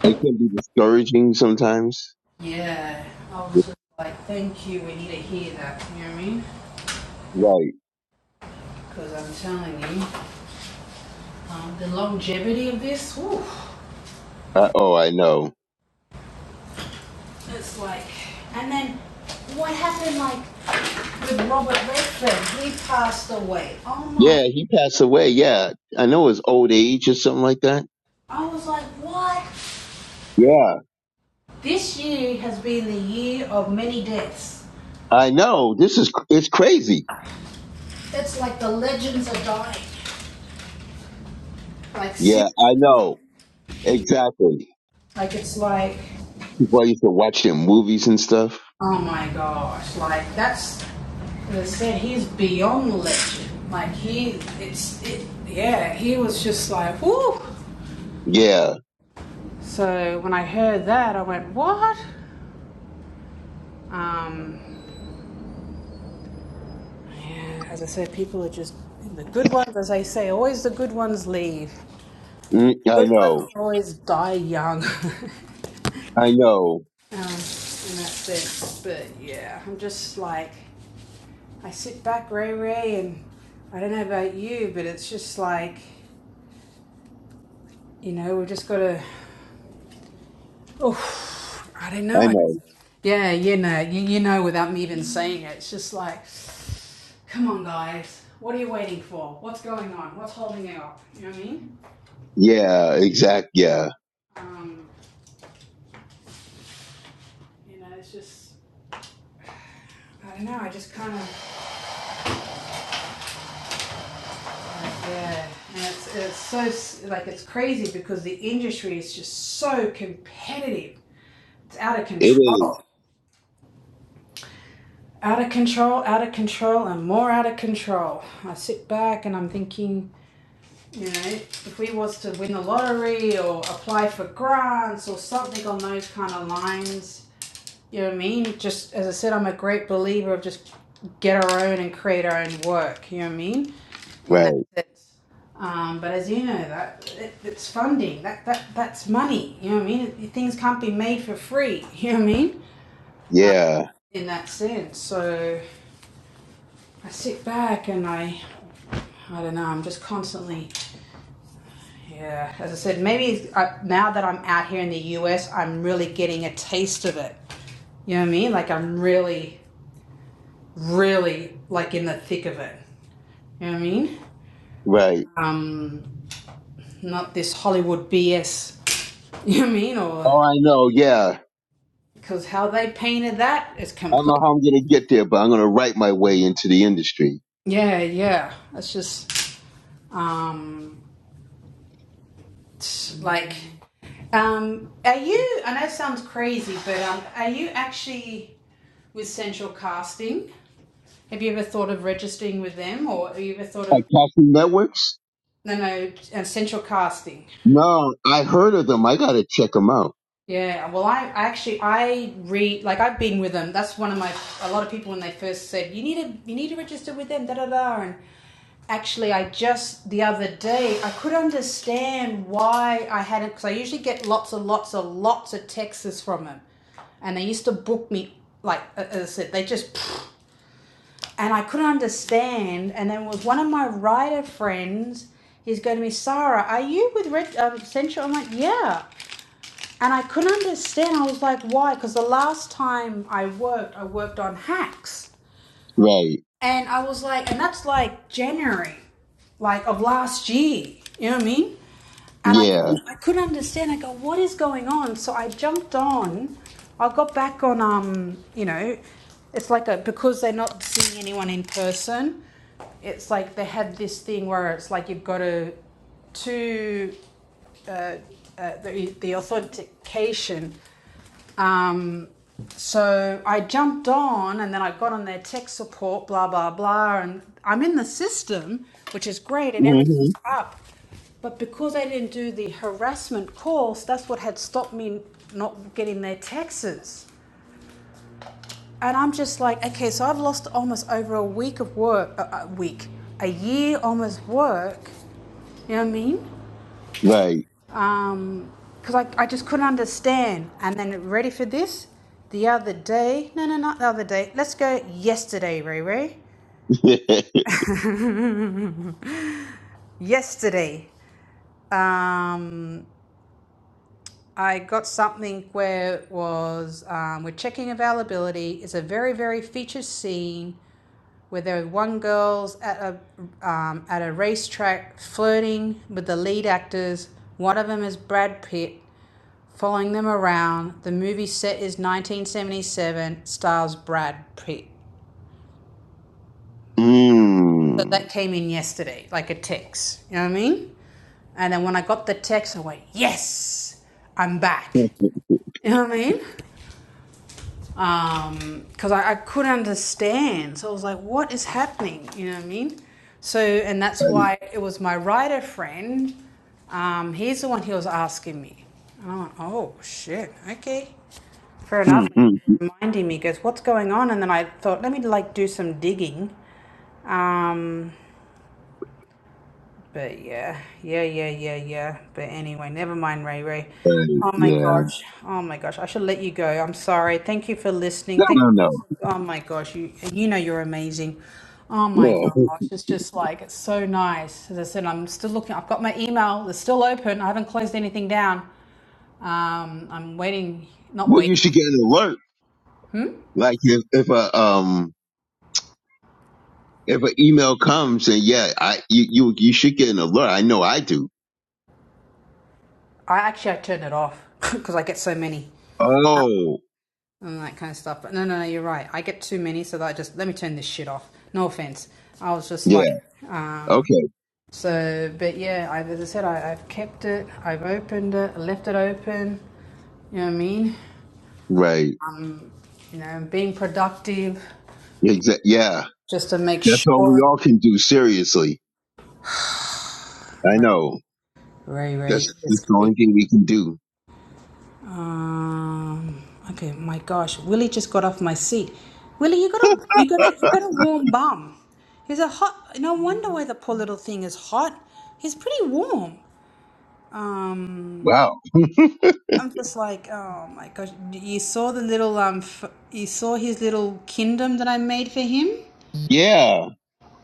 B: it can be discouraging sometimes.
A: Yeah. I was just like, thank you, we need to hear that, you know what I mean?
B: Right.
A: Because I'm telling you, um, the longevity of this, whew,
B: Uh, oh, I know.
A: it's like, and then what happened like with Robert Redford? He passed away. Oh my,
B: Yeah, he passed away. Yeah. I know his old age or something like that.
A: I was like, what?
B: Yeah.
A: This year has been the year of many deaths.
B: I know. This is it's crazy.
A: It's like the legends are dying. Like
B: Yeah,
A: seriously,
B: I know. Exactly.
A: Like it's like,
B: People I used to watch their movies and stuff.
A: oh my gosh, like that's as I said he's beyond legend. Like he, it's it, yeah. He was just like whoo.
B: Yeah.
A: So when I heard that, I went what? Um, yeah, as I said, people are just the good ones, as I say, always the good ones leave.
B: Mm, I
A: Good ones
B: know.
A: always die young. um,
B: I know.
A: and that's it. But yeah, I'm just like I sit back, Ray Ray, and I don't know about you, but it's just like, you know, we've just got to, oh, I don't know.
B: I
A: I-
B: know.
A: Yeah, you know, you, you know without me even saying it. It's just like, come on, guys. What are you waiting for? What's going on? What's holding it up? You know what I mean?
B: Yeah, exact. Yeah,
A: Um, you know, it's just, I don't know. I just kind of, yeah. And it's, it's so, like, it's crazy because the industry is just so competitive. It's out of
B: it is.
A: control. out of control, out of control, and more out of control. I sit back and I'm thinking, you know, if we was to win the lottery or apply for grants or something on those kind of lines, you know what I mean? Just as I said, I'm a great believer of just get our own and create our own work. You know what I mean? In that
B: Right.
A: sense. Um, but as you know, that it, it's funding. That that that's money. You know what I mean? Things can't be made for free. You know what I mean?
B: Yeah.
A: In that sense, so I sit back and I I don't know. I'm just constantly, yeah. As I said, maybe I, now that I'm out here in the US, I'm really getting a taste of it. You know what I mean? Like I'm really, really like in the thick of it. You know what I mean?
B: Right.
A: Um, not this Hollywood BS. You know what I mean? Or
B: Oh, I know. Yeah. I
A: because how they painted that is
B: don't know
A: complete.
B: how I'm going to get there, but I'm going to write my way into the industry.
A: Yeah, yeah. That's just um Like, um, are you? I know it sounds crazy, but um, are you actually with Central Casting? Have you ever thought of registering with them, or have you ever thought of
B: Like Casting Networks?
A: no, no, uh, Central Casting?
B: No, I heard of them. I got to check them out.
A: Yeah, well, I, I actually I read like I've been with them. That's one of my a lot of people when they first said you need to you need to register with them da da da and actually I just the other day I could understand why I hadn't because I usually get lots and lots and lots of texts from them and they used to book me like as I said they just and I couldn't understand and then was one of my writer friends he's going to me Sarah are you with Red um, Central I'm like yeah and I couldn't understand. I was like, why? Because the last time I worked, I worked on hacks.
B: Right.
A: And I was like, and that's like January, like of last year. You know what I mean? And I
B: Yeah.
A: couldn't, I couldn't understand. I go, what is going on? So I jumped on. I got back on, um, you know, it's like a because they're not seeing anyone in person. It's like they had this thing where it's like you've got to to, uh, uh, the, the authentication um, so I jumped on and then I got on their tech support, blah, blah, blah. And I'm in the system, which is great, and
B: hmm
A: everything's up. But because I didn't do the harassment course, that's what had stopped me not getting their taxes. And I'm just like, okay, so I've lost almost over a week of work, a a week, a year almost work. You know what I mean?
B: Right.
A: um because I, I just couldn't understand and then ready for this the other day no no not the other day let's go yesterday ray ray yesterday um i got something where it was um, we're checking availability it's a very very featured scene where there were one girls at a um, at a racetrack flirting with the lead actors. One of them is Brad Pitt, following them around. The movie set is 1977, stars Brad Pitt. So
B: mm.
A: that came in yesterday, like a text. You know what I mean? And then when I got the text, I went, yes, I'm back.
B: Right.
A: You know what I mean? um, because I, I couldn't understand. So I was like, what is happening? You know what I mean? So, and that's why it was my writer friend. Um, he's the one he was asking me. And I went, oh shit, okay. Fair enough. He
B: Mm-hmm.
A: was reminding me, he goes, what's going on? And then I thought, let me like do some digging. Um, but yeah, yeah, yeah, yeah, yeah. But anyway, never mind, Ray Ray.
B: Right.
A: Oh my
B: Yeah. I
A: gosh. Oh my gosh. I should let you go. I'm sorry. Thank you for listening. Thank you
B: don't
A: for
B: know.
A: Oh my gosh. You you know you're amazing. Oh my
B: Yeah.
A: gosh. It's just like it's so nice. As I said, I'm still looking. I've got my email. It's still open. I haven't closed anything down. Um, I'm waiting. Not
B: Well, you
A: waiting.
B: should get an alert. Like if, if a, um, if an email comes and yeah, I you, you you should get an alert. I know I do.
A: I actually I turned it off because I get so many.
B: Oh,
A: and that kind of stuff. But no, no, no, you're right. I get too many, so that I just let me turn this shit off. No offense. I was just
B: yeah.
A: like, um,
B: Okay.
A: so, but yeah, I, as I said, I, I've kept it, I've opened it, left it open. You know what I mean?
B: Right.
A: Um, you know, being productive
B: Exa- yeah.
A: just to make
B: That's all we
A: sure.
B: all can do. Seriously. I know.
A: Ray, Ray,
B: That's
A: it's
B: that's the
A: great.
B: only thing we can do.
A: Um, okay, my gosh, Willie just got off my seat. Willie, you got a you got a you got a warm bum. He's a hot. No wonder why the poor little thing is hot. He's pretty warm. Um,
B: Wow.
A: I'm just like, oh my gosh, you saw the little um, f- you saw his little kingdom that I made for him.
B: Yeah.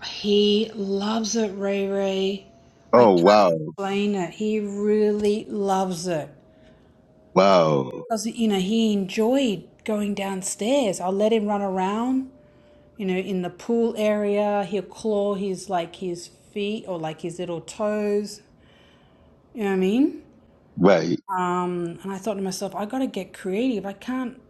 A: He loves it, Ray Ray. I
B: Oh
A: can't
B: wow.
A: explain it. He really loves it
B: Wow.
A: because you know he enjoyed going downstairs. I'll let him run around you know, in the pool area. He'll claw his like his feet or like his little toes. You know what I mean?
B: Right.
A: Um, and I thought to myself, I gotta get creative. I can't.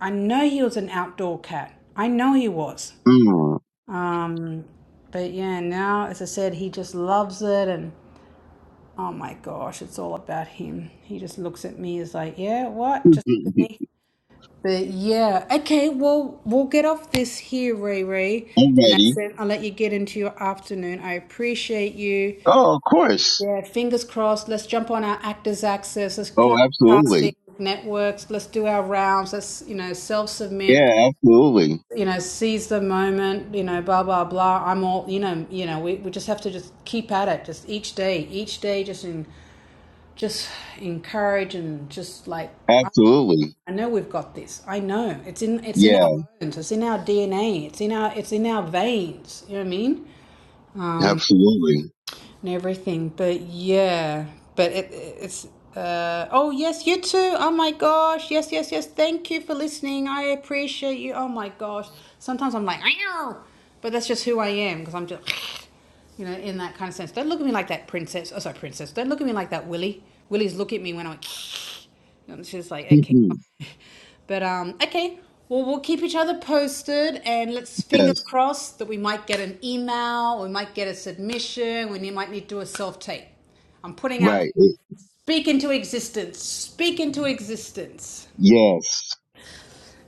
A: I know he was an outdoor cat. I know he was.
B: Mm.
A: Um, but yeah, now as I said, he just loves it, and oh my gosh, it's all about him. He just looks at me as like, yeah, what? Just look at me. But yeah, okay, well, we'll get off this here, Ray Ray. And that's
B: Alrighty.
A: it. I'll let you get into your afternoon. I appreciate you.
B: Oh, of course.
A: Yeah, fingers crossed. Let's jump on our Actors Access. Let's
B: Oh,
A: go casting
B: absolutely.
A: networks. Let's do our rounds. Let's, you know, self submit,
B: Yeah, absolutely.
A: you know, seize the moment, you know, blah, blah, blah. I'm all, you know, you know, we, we just have to just keep at it. Just each day, each day, just in, just encourage and just like
B: Absolutely.
A: I know we've got this. I know. It's in it's in our
B: Yeah,
A: bones. It's in our DNA. It's in our it's in our veins. You know what I mean? Um,
B: absolutely.
A: and everything. But yeah. But it it's uh oh yes, you too. Oh my gosh. Yes, yes, yes. Thank you for listening. I appreciate you. Oh my gosh. Sometimes I'm like, Ow! but that's just who I am because I'm just you know, in that kind of sense. Don't look at me like that, princess. Oh, sorry, princess. Don't look at me like that, Willie. Willie's look at me when I went And It's just like, okay. But um, okay. Well, we'll keep each other posted, and let's fingers
B: yes.
A: crossed that we might get an email, we might get a submission, we ne- might need to do a self tape. I'm putting out
B: Right.
A: Speak into existence. Speak into existence.
B: Yes.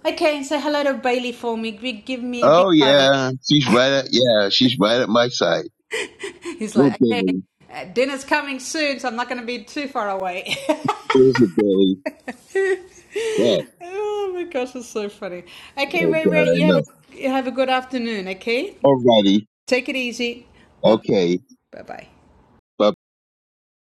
A: Okay, say hello to Bailey for me. Gi- Give me a big
B: Oh
A: cuddle.
B: yeah, she's right at yeah, she's right at my side.
A: He's
B: Well,
A: like, okay,
B: Billy,
A: uh, dinner's coming soon, so I'm not going to be too far away.
B: where's the Billy? What?
A: oh my gosh, it's so funny. Okay,
B: Oh
A: Ray
B: God,
A: Ray,
B: I
A: you have a
B: know.
A: you have a good afternoon. Okay.
B: Alrighty,
A: Take it easy. Bye bye.
B: okay.
A: Bye bye.
B: Bye